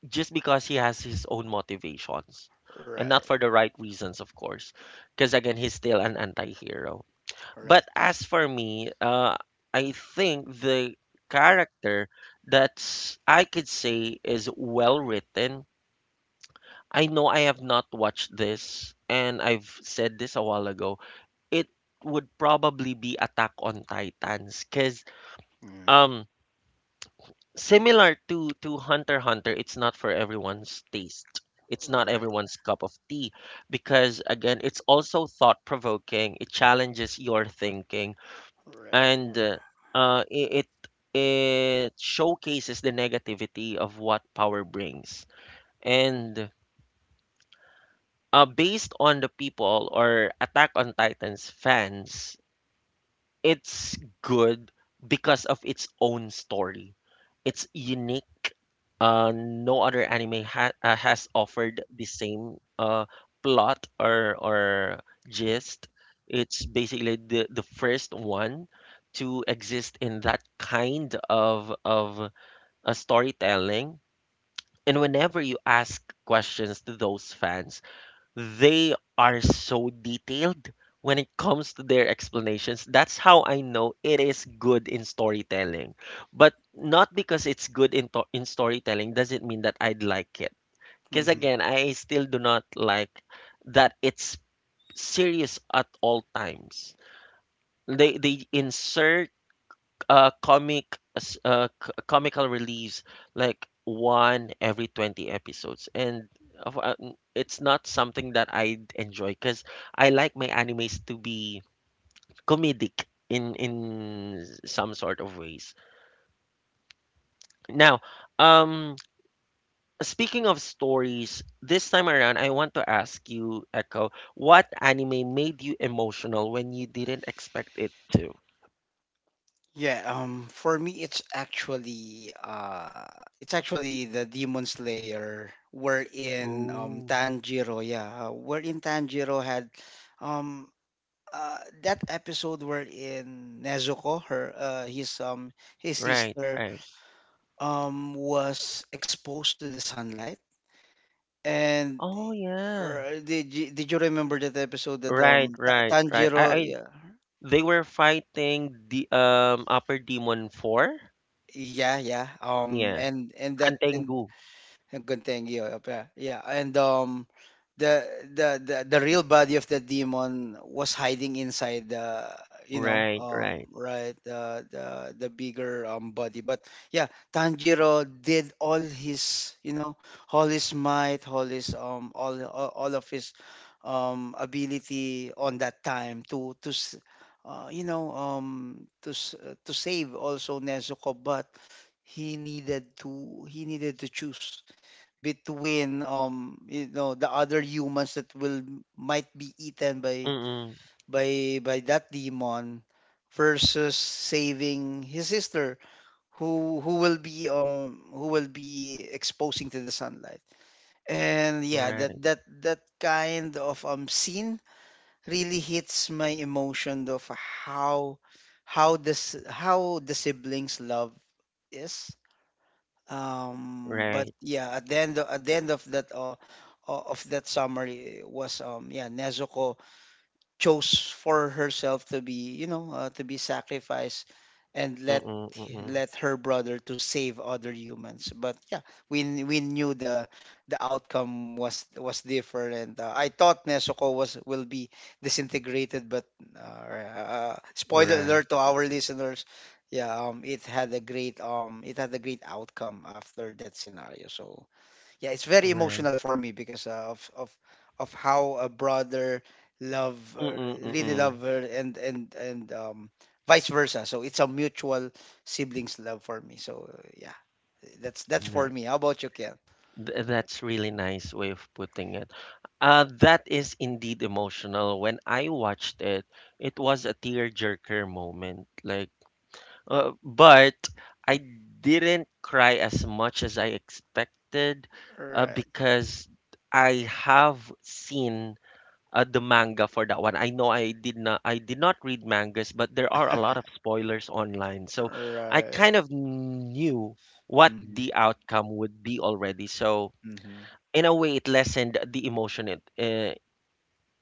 Speaker 1: just because he has his own motivations. And
Speaker 2: Right.
Speaker 1: not for the right reasons, of course. Because again, he's still an anti-hero.
Speaker 2: Right.
Speaker 1: But as for me, I think the character that I could say is well written, I know I have not watched this, and I've said this a while ago, it would probably be Attack on Titans, because
Speaker 2: Mm.
Speaker 1: um, similar to Hunter x Hunter, it's not for everyone's taste. It's not
Speaker 2: Right.
Speaker 1: everyone's cup of tea, because again, it's also thought provoking. It challenges your thinking,
Speaker 2: Right.
Speaker 1: and it it showcases the negativity of what power brings. And based on the people or Attack on Titans fans, it's good because of its own story. It's unique. No other anime has offered the same plot or gist. It's basically the first one to exist in that kind of storytelling. And whenever you ask questions to those fans, they are so detailed when it comes to their explanations. That's how I know it is good in storytelling. But not because it's good in, in storytelling doesn't mean that I'd like it. Because
Speaker 2: Mhm.
Speaker 1: again, I still do not like that it's serious at all times. They insert comical release, like one every 20 episodes, and it's not something that I enjoy, because I like my animes to be comedic in some sort of ways. Now, um speaking of stories, this time around I want to ask you, Echo, what anime made you emotional when you didn't expect it to?
Speaker 2: Yeah, for me, it's actually the Demon Slayer.
Speaker 1: Oh.
Speaker 2: Wherein Tanjiro had um, uh, that episode wherein Nezuko, his
Speaker 1: Right,
Speaker 2: sister,
Speaker 1: right.
Speaker 2: was exposed to the sunlight. And
Speaker 1: Oh yeah.
Speaker 2: did you remember that episode that
Speaker 1: Right, right, right. I,
Speaker 2: Tanjiro,
Speaker 1: I
Speaker 2: yeah,
Speaker 1: they were fighting the Upper Demon 4.
Speaker 2: yeah, yeah,
Speaker 1: Yeah,
Speaker 2: and that and
Speaker 1: Hantengu.
Speaker 2: a good thing, yeah, yeah, yeah. And the, the real body of the demon was hiding inside the, you know,
Speaker 1: Right, right.
Speaker 2: right, the bigger body. But yeah, Tanjiro did all his, you know, all his might, all all of his ability on that time you know, to save also Nezuko. But he needed to he needed to choose between you know the other humans that will might be eaten by
Speaker 1: Mm-mm.
Speaker 2: by that demon, versus saving his sister who will be exposing to the sunlight. And yeah, that
Speaker 1: Right,
Speaker 2: that that kind of scene really hits my emotion of how this how the siblings love is, but
Speaker 1: right.
Speaker 2: yeah, at the end of, at the end of that of that summary was, Nezuko chose for herself to be, you know, to be sacrificed and let
Speaker 1: Mm-mm, mm-mm.
Speaker 2: her brother to save other humans. But yeah, we knew the outcome was different. I thought Nezuko was will be disintegrated. But spoiler
Speaker 1: Right,
Speaker 2: alert to our listeners. Yeah, it had a great outcome after that scenario. So yeah, it's very
Speaker 1: right.
Speaker 2: emotional for me because of how a brother love her,
Speaker 1: Mm-mm,
Speaker 2: really love
Speaker 1: mm-mm.
Speaker 2: her. And vice versa. So it's a mutual siblings love for me. So yeah, that's for
Speaker 1: Nah.
Speaker 2: me. How about you, Ken?
Speaker 1: That's really nice way of putting it. That is indeed emotional. When I watched it, it was a tearjerker moment. Like but I didn't cry as much as I expected,
Speaker 2: Right.
Speaker 1: because I have seen the manga for that one. I know I did not read mangas, but there are a lot of spoilers online. So I
Speaker 2: Right.
Speaker 1: kind of knew what
Speaker 2: Mm-hmm.
Speaker 1: the outcome would be already. So
Speaker 2: Mm-hmm.
Speaker 1: in a way it lessened the emotion it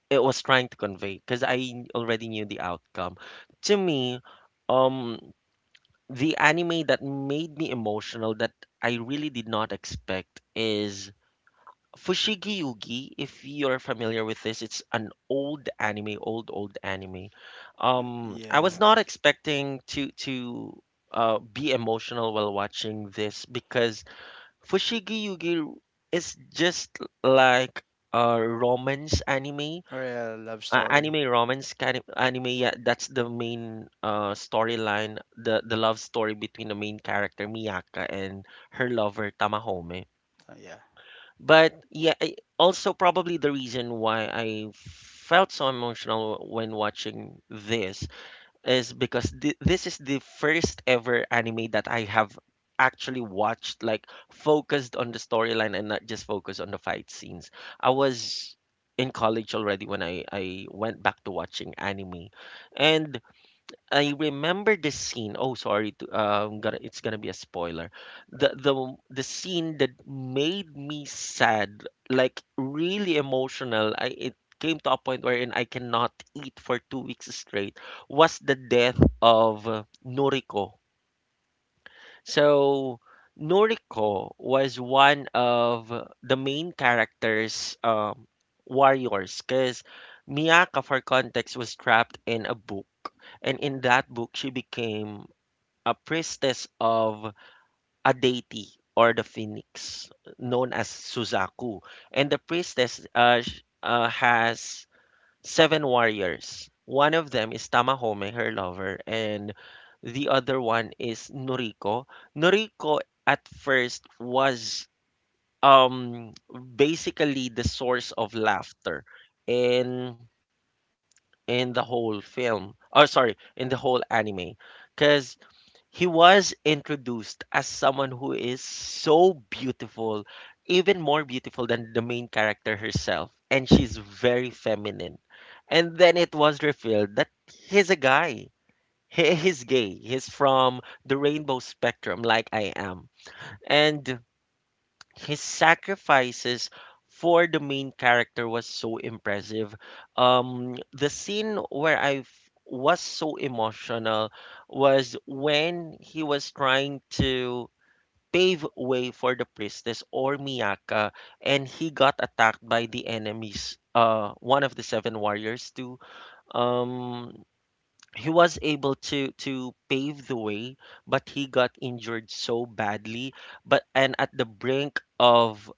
Speaker 1: it was trying to convey, because I already knew the outcome. To me, um the anime that made me emotional that I really did not expect is Fushigi Yugi. If you're familiar with this, it's an old anime, old old anime. I
Speaker 2: Yeah.
Speaker 1: was not expecting to be emotional while watching this, because Fushigi Yugi is just like a romance anime,
Speaker 2: Right. Love story.
Speaker 1: anime romance kind of anime. Yeah, that's the main storyline, the love story between the main character Miyaka and her lover Tamahome.
Speaker 2: Yeah.
Speaker 1: But yeah, also probably the reason why I felt so emotional when watching this is because this is the first ever anime that I have actually watched, like focused on the storyline and not just focused on the fight scenes. I was in college already when I went back to watching anime. And I remember the scene. Oh, sorry to gonna it's gonna be a spoiler. The the scene that made me sad, like really emotional, I it came to a point wherein I cannot eat for 2 weeks straight, was the death of Noriko. So Noriko was one of the main characters, um, warriors, because Miyaka, for context, was trapped in a book, and in that book she became a priestess of a deity or the phoenix known as Suzaku. And the priestess has seven warriors. One of them is Tamahome, her lover, and the other one is Noriko. Noriko at first was um basically the source of laughter in in the whole film. Oh, sorry, in the whole anime. Cuz he was introduced as someone who is so beautiful, even more beautiful than the main character herself, and she's very feminine. And then it was revealed that he's a guy. He's gay. He's from the rainbow spectrum, like I am. And his sacrifices for the main character was so impressive. The scene where was so emotional was when he was trying to pave way for the priestess or Miyaka, and he got attacked by the enemies. One of the seven warriors too. Um, he was able to pave the way but he got injured so badly but and at the brink of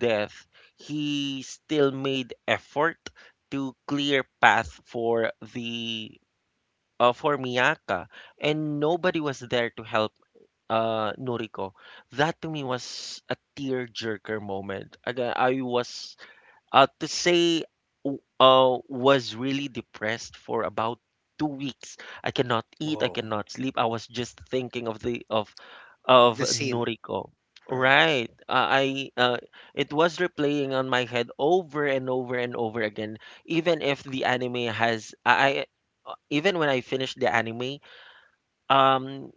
Speaker 1: death he still made effort to clear path for the for Miyaka, and nobody was there to help uh, Noriko. That to me was a tearjerker moment. Again, I was uh, to say was really depressed for about 2 weeks. I cannot eat, I
Speaker 2: Whoa.
Speaker 1: cannot sleep. I was just thinking of the
Speaker 2: Of
Speaker 1: of
Speaker 2: the scene.
Speaker 1: Noriko.
Speaker 2: Right.
Speaker 1: Right. I it was replaying on my head over and over and over again. Even if the anime has I- Even when I finished the anime, um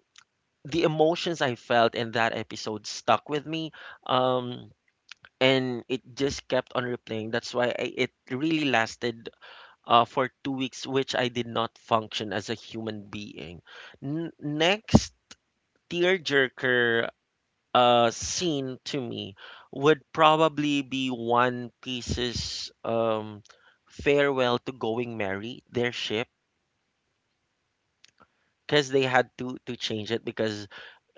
Speaker 1: the emotions I felt in that episode stuck with me. Um and it just kept on replaying. That's why, it really lasted for 2 weeks, which I did not function as a human being. Next tearjerker scene to me would probably be One Piece's, farewell to Going Merry, their ship, because they had to change it because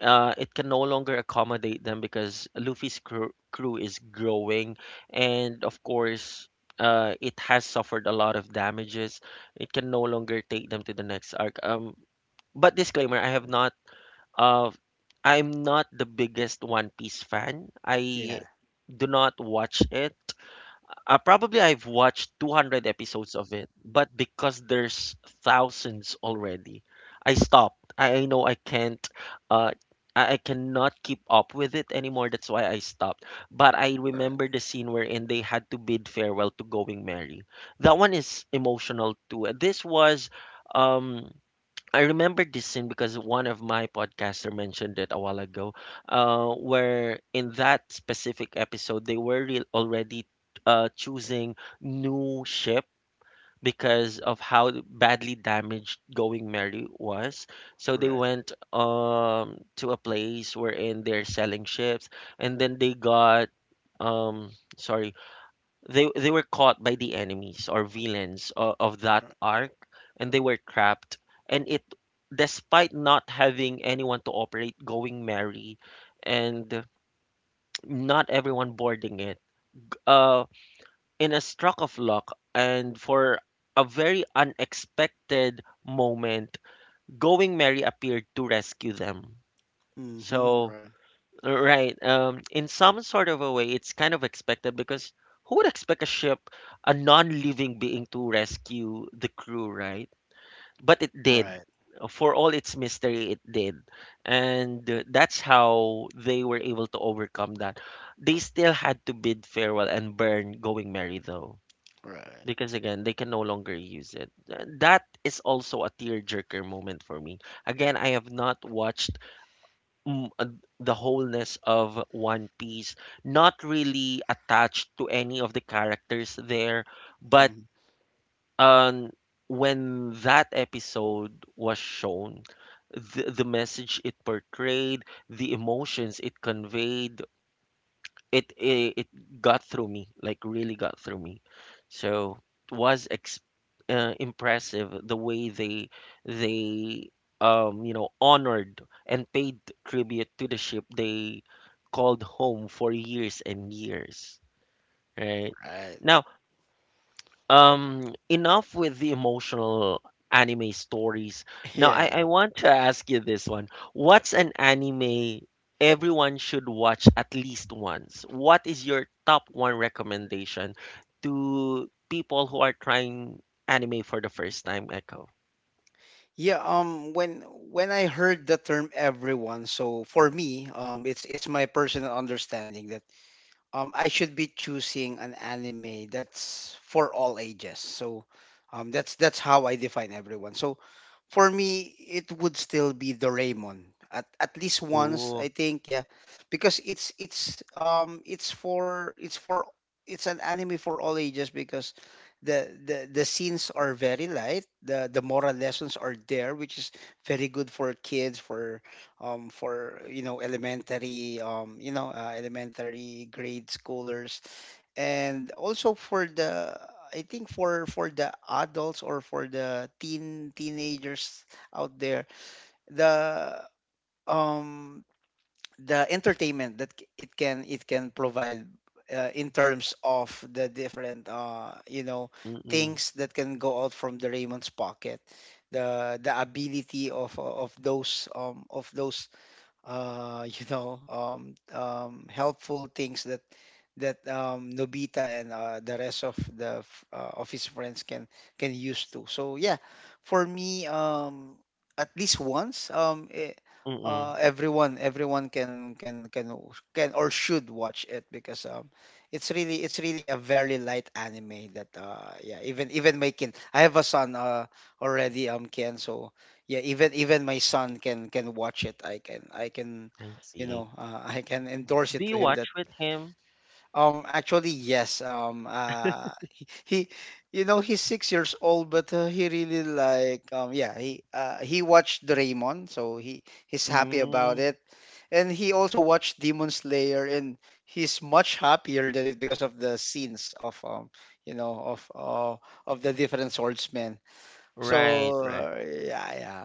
Speaker 1: it can no longer accommodate them because Luffy's crew is growing, and of course, it has suffered a lot of damages. It can no longer take them to the next arc. But disclaimer, I have not uh, I'm not the biggest One Piece fan. I
Speaker 2: Yeah.
Speaker 1: do not watch it. Probably I've watched 200 episodes of it, but because there's thousands already, I stopped. I know I can't, uh, I cannot keep up with it anymore. That's why I stopped. But I
Speaker 2: Right.
Speaker 1: remember the scene wherein they had to bid farewell to Going Merry. That one is emotional too. This was, um, I remember this scene because one of my podcaster mentioned it a while ago, where in that specific episode they were already choosing new ship because of how badly damaged Going Merry was. So they
Speaker 2: Right.
Speaker 1: went to a place wherein they're selling ships, and then they got um sorry they were caught by the enemies or villains of that
Speaker 2: Right.
Speaker 1: arc, and they were trapped. And it, despite not having anyone to operate Going Merry, and not everyone boarding it, uh in a stroke of luck and for a very unexpected moment, Going Merry appeared to rescue them.
Speaker 2: Mm-hmm.
Speaker 1: So
Speaker 2: Right.
Speaker 1: Right. In some sort of a way, it's kind of expected because who would expect a ship, a non-living being, to rescue the crew, right? But it did.
Speaker 2: Right.
Speaker 1: For all its mystery, it did. And that's how they were able to overcome that. They still had to bid farewell and burn Going Merry, though,
Speaker 2: Right.
Speaker 1: because again, they can no longer use it. That is also a tearjerker moment for me. Again, I have not watched mm, uh, the wholeness of One Piece, not really attached to any of the characters there, but
Speaker 2: Mhm.
Speaker 1: um, when that episode was shown, the message it portrayed, the emotions it conveyed, it got through me, like really got through me. So it was ex impressive the way they you know honored and paid tribute to the ship they called home for years and years, right?
Speaker 2: Right.
Speaker 1: Now, enough with the emotional anime stories. Now,
Speaker 2: Yeah.
Speaker 1: I want to ask you this one. What's an anime everyone should watch at least once? What is your top one recommendation to people who are trying anime for the first time, Echo?
Speaker 2: Yeah, when I heard the term everyone, so for me, it's my personal understanding that I should be choosing an anime that's for all ages. So, that's how I define everyone. So, for me, it would still be Doraemon at least once, I
Speaker 1: Oh,
Speaker 2: think, yeah, because it's for it's an anime for all ages because the scenes are very light. The moral lessons are there, which is very good for kids, for you know elementary elementary grade schoolers, and also for the I think for the adults or for the teenagers out there, the um the entertainment that it can provide in terms of the different you know
Speaker 1: mm-mm,
Speaker 2: things that can go out from the Raymond's pocket, the ability of those you know helpful things that Nobita and the rest of of his friends can use to. So yeah, for me, at least once,
Speaker 1: mm-mm,
Speaker 2: everyone can can or should watch it. Because it's really a very light anime that yeah, even even my kid, I have a son, already, um, Ken. So yeah, even even my son can watch it. I can
Speaker 1: I
Speaker 2: you know
Speaker 1: see.
Speaker 2: I can endorse
Speaker 1: Do
Speaker 2: it to
Speaker 1: you
Speaker 2: him. That
Speaker 1: watch with him?
Speaker 2: actually, yes. You know, he's 6 years old, but he really like, yeah, he watched Doraemon, so he, he's happy about
Speaker 1: Mm,
Speaker 2: it. And he also watched Demon Slayer, and he's much happier than it because of the scenes of, you know, of the different swordsmen.
Speaker 1: right,
Speaker 2: So,
Speaker 1: right.
Speaker 2: yeah, yeah,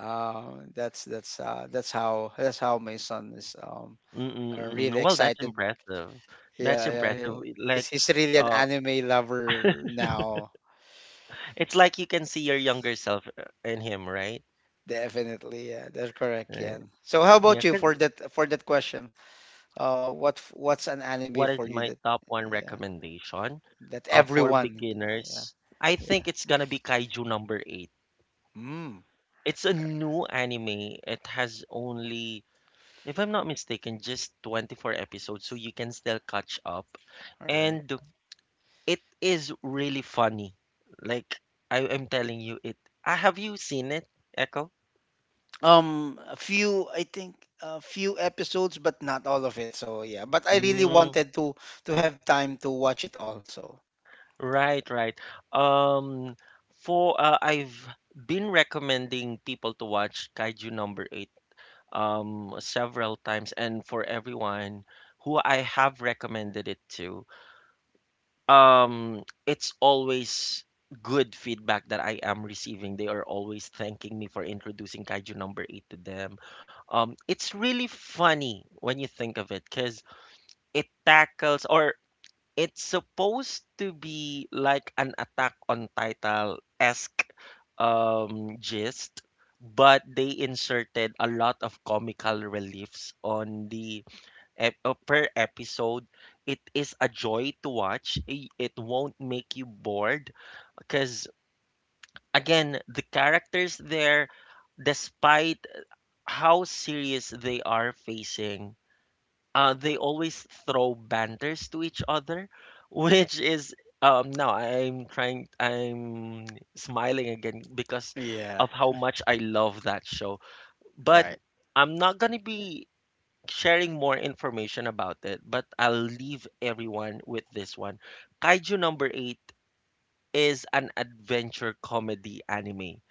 Speaker 2: that's how my son is,
Speaker 1: Mm-mm,
Speaker 2: really
Speaker 1: mm-mm. Well, that's
Speaker 2: excited.
Speaker 1: impressive. That's
Speaker 2: Yeah, yeah.
Speaker 1: impressive. Like,
Speaker 2: He's really an anime lover now.
Speaker 1: it's like you can see your younger self in him, right?
Speaker 2: Definitely, yeah, that's correct,
Speaker 1: Right.
Speaker 2: Ken. So how
Speaker 1: Yeah,
Speaker 2: about you
Speaker 1: because
Speaker 2: for that question? What what's an anime
Speaker 1: what
Speaker 2: for
Speaker 1: is
Speaker 2: you
Speaker 1: my
Speaker 2: that
Speaker 1: top one
Speaker 2: yeah
Speaker 1: recommendation
Speaker 2: that
Speaker 1: for
Speaker 2: everyone yeah
Speaker 1: beginners? I
Speaker 2: yeah.
Speaker 1: think it's gonna be Kaiju number eight.
Speaker 2: Mm,
Speaker 1: It's a new anime. It has only, if I'm not mistaken, just 24 episodes, so you can still catch up.
Speaker 2: all right.
Speaker 1: And it is really funny. Like I am telling you, it. Have you seen it, Echo?
Speaker 2: A few I think a few episodes, but not all of it. So yeah, but I really wanted to have time to watch it all. So
Speaker 1: Right, right. Um, for I've been recommending people to watch Kaiju Number Eight several times, and for everyone who I have recommended it to, it's always good feedback that I am receiving. They are always thanking me for introducing Kaiju Number Eight to them. It's really funny when you think of it, because it tackles or it's supposed to be like an Attack on Title-esque gist, but they inserted a lot of comical reliefs on the per episode. It is a joy to watch. It won't make you bored because again, the characters there, despite how serious they are facing they always throw banters to each other, which is now I'm smiling again because
Speaker 2: yeah,
Speaker 1: of how much I love that show. But
Speaker 2: right.
Speaker 1: I'm not gonna be sharing more information about it, but I'll leave everyone with this one. Kaiju number eight is an adventure comedy anime.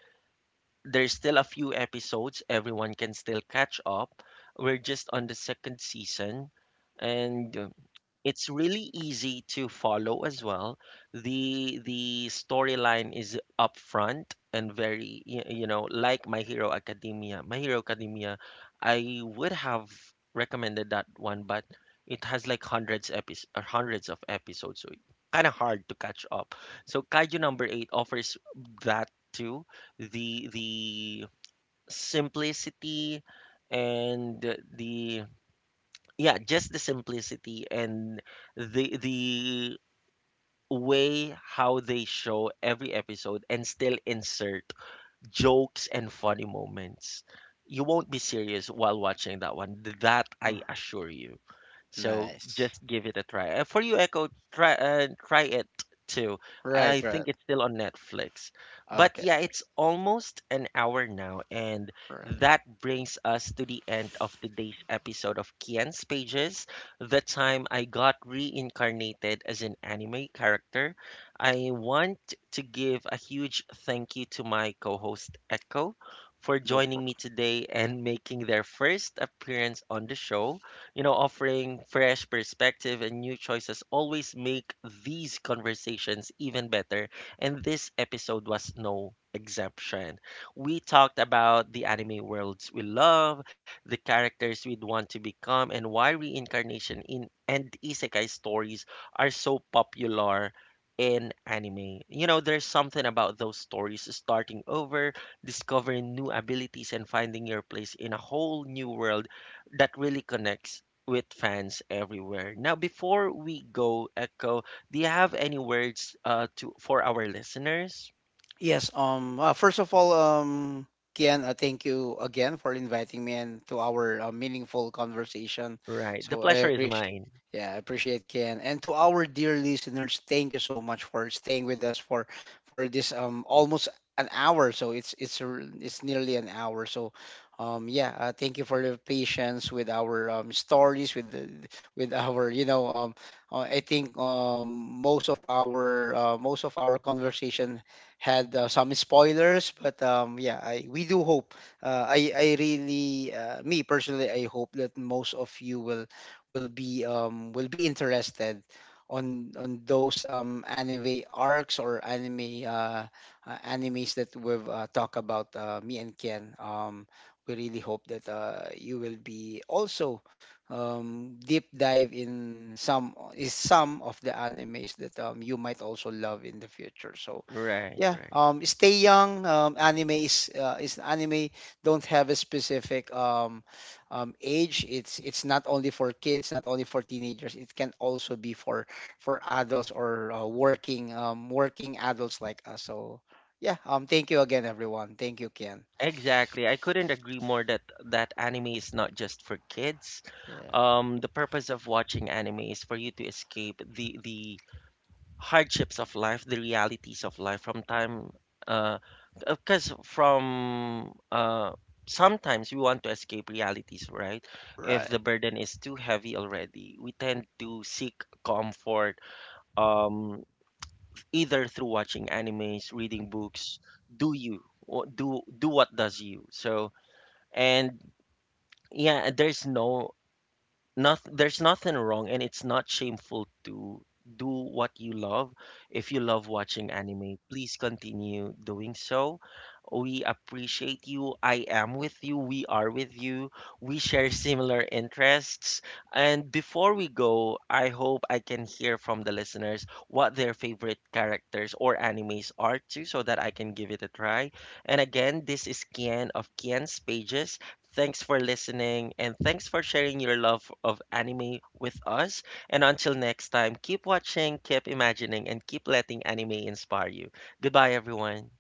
Speaker 1: There's still a few episodes, everyone can still catch up. We're just on the second season, and it's really easy to follow as well. The storyline is upfront and very you know, like My Hero Academia. My Hero Academia, I would have recommended that one, but it has like hundreds episodes or hundreds of episodes, so it's kind of hard to catch up. So Kaiju number 8 offers that too. The simplicity and the yeah, just the simplicity and the way how they show every episode and still insert jokes and funny moments, you won't be serious while watching that one, that
Speaker 2: Mm.
Speaker 1: I assure you. So
Speaker 2: Nice.
Speaker 1: just give it a try. For you, Echo, try try it too. I
Speaker 2: Right, right.
Speaker 1: think it's still on Netflix. But
Speaker 2: Okay,
Speaker 1: yeah, it's almost an hour now, and
Speaker 2: right.
Speaker 1: that brings us to the end of today's episode of Kian's Pages, the time I got reincarnated as an anime character. I want to give a huge thank you to my co-host Echo for
Speaker 2: Loop.
Speaker 1: joining me today and making their first appearance on the show. You know, offering fresh perspective and new choices always make these conversations even better, and this episode was no exception. We talked about the anime worlds we love, the characters we'd want to become, and why reincarnation in and isekai stories are so popular in anime. You know, there's something about those stories starting over, discovering new abilities and finding your place in a whole new world that really connects with fans everywhere. Now, before we go, Echo, do you have any words to for our listeners?
Speaker 2: Yes, first of all, Kian, thank you again for inviting me and to our meaningful conversation.
Speaker 1: Right. The
Speaker 2: So I
Speaker 1: pleasure is
Speaker 2: appreciate,
Speaker 1: mine.
Speaker 2: yeah, I appreciate Kian. And to our dear listeners, thank you so much for staying with us for this almost an hour. So it's nearly an hour. So, yeah, thank you for your patience with our stories with the with our you know I think most of our conversation had some spoilers. But yeah, I we do hope. I really me personally, I hope that most of you will will be interested on those anime arcs or anime animes that we've talked about, me and Ken. We really hope that you will be also deep dive in some is some of the animes that you might also love in the future. So
Speaker 1: Right,
Speaker 2: yeah,
Speaker 1: right.
Speaker 2: stay young. Anime is anime don't have a specific age. It's not only for kids, not only for teenagers. It can also be for adults or working adults like us. So yeah, thank you again, everyone. Thank you, Ken.
Speaker 1: Exactly. I couldn't agree more that anime is not just for kids.
Speaker 2: Yeah.
Speaker 1: The purpose of watching anime is for you to escape the hardships of life, the realities of life from time uh because from sometimes we want to escape realities, right? If
Speaker 2: Right.
Speaker 1: the burden is too heavy already, we tend to seek comfort, um either through watching animes, reading books, do you or do what does you. So and yeah, there's no not there's nothing wrong, and it's not shameful to do what you love. If you love watching anime, please continue doing so. We appreciate you. I am with you. We are with you. We share similar interests. And before we go, I hope I can hear from the listeners what their favorite characters or animes are too, so that I can give it a try. And again, this is Kian of Kian's Pages. Thanks for listening, and thanks for sharing your love of anime with us. And until next time, keep watching, keep imagining, and keep letting anime inspire you. Goodbye, everyone.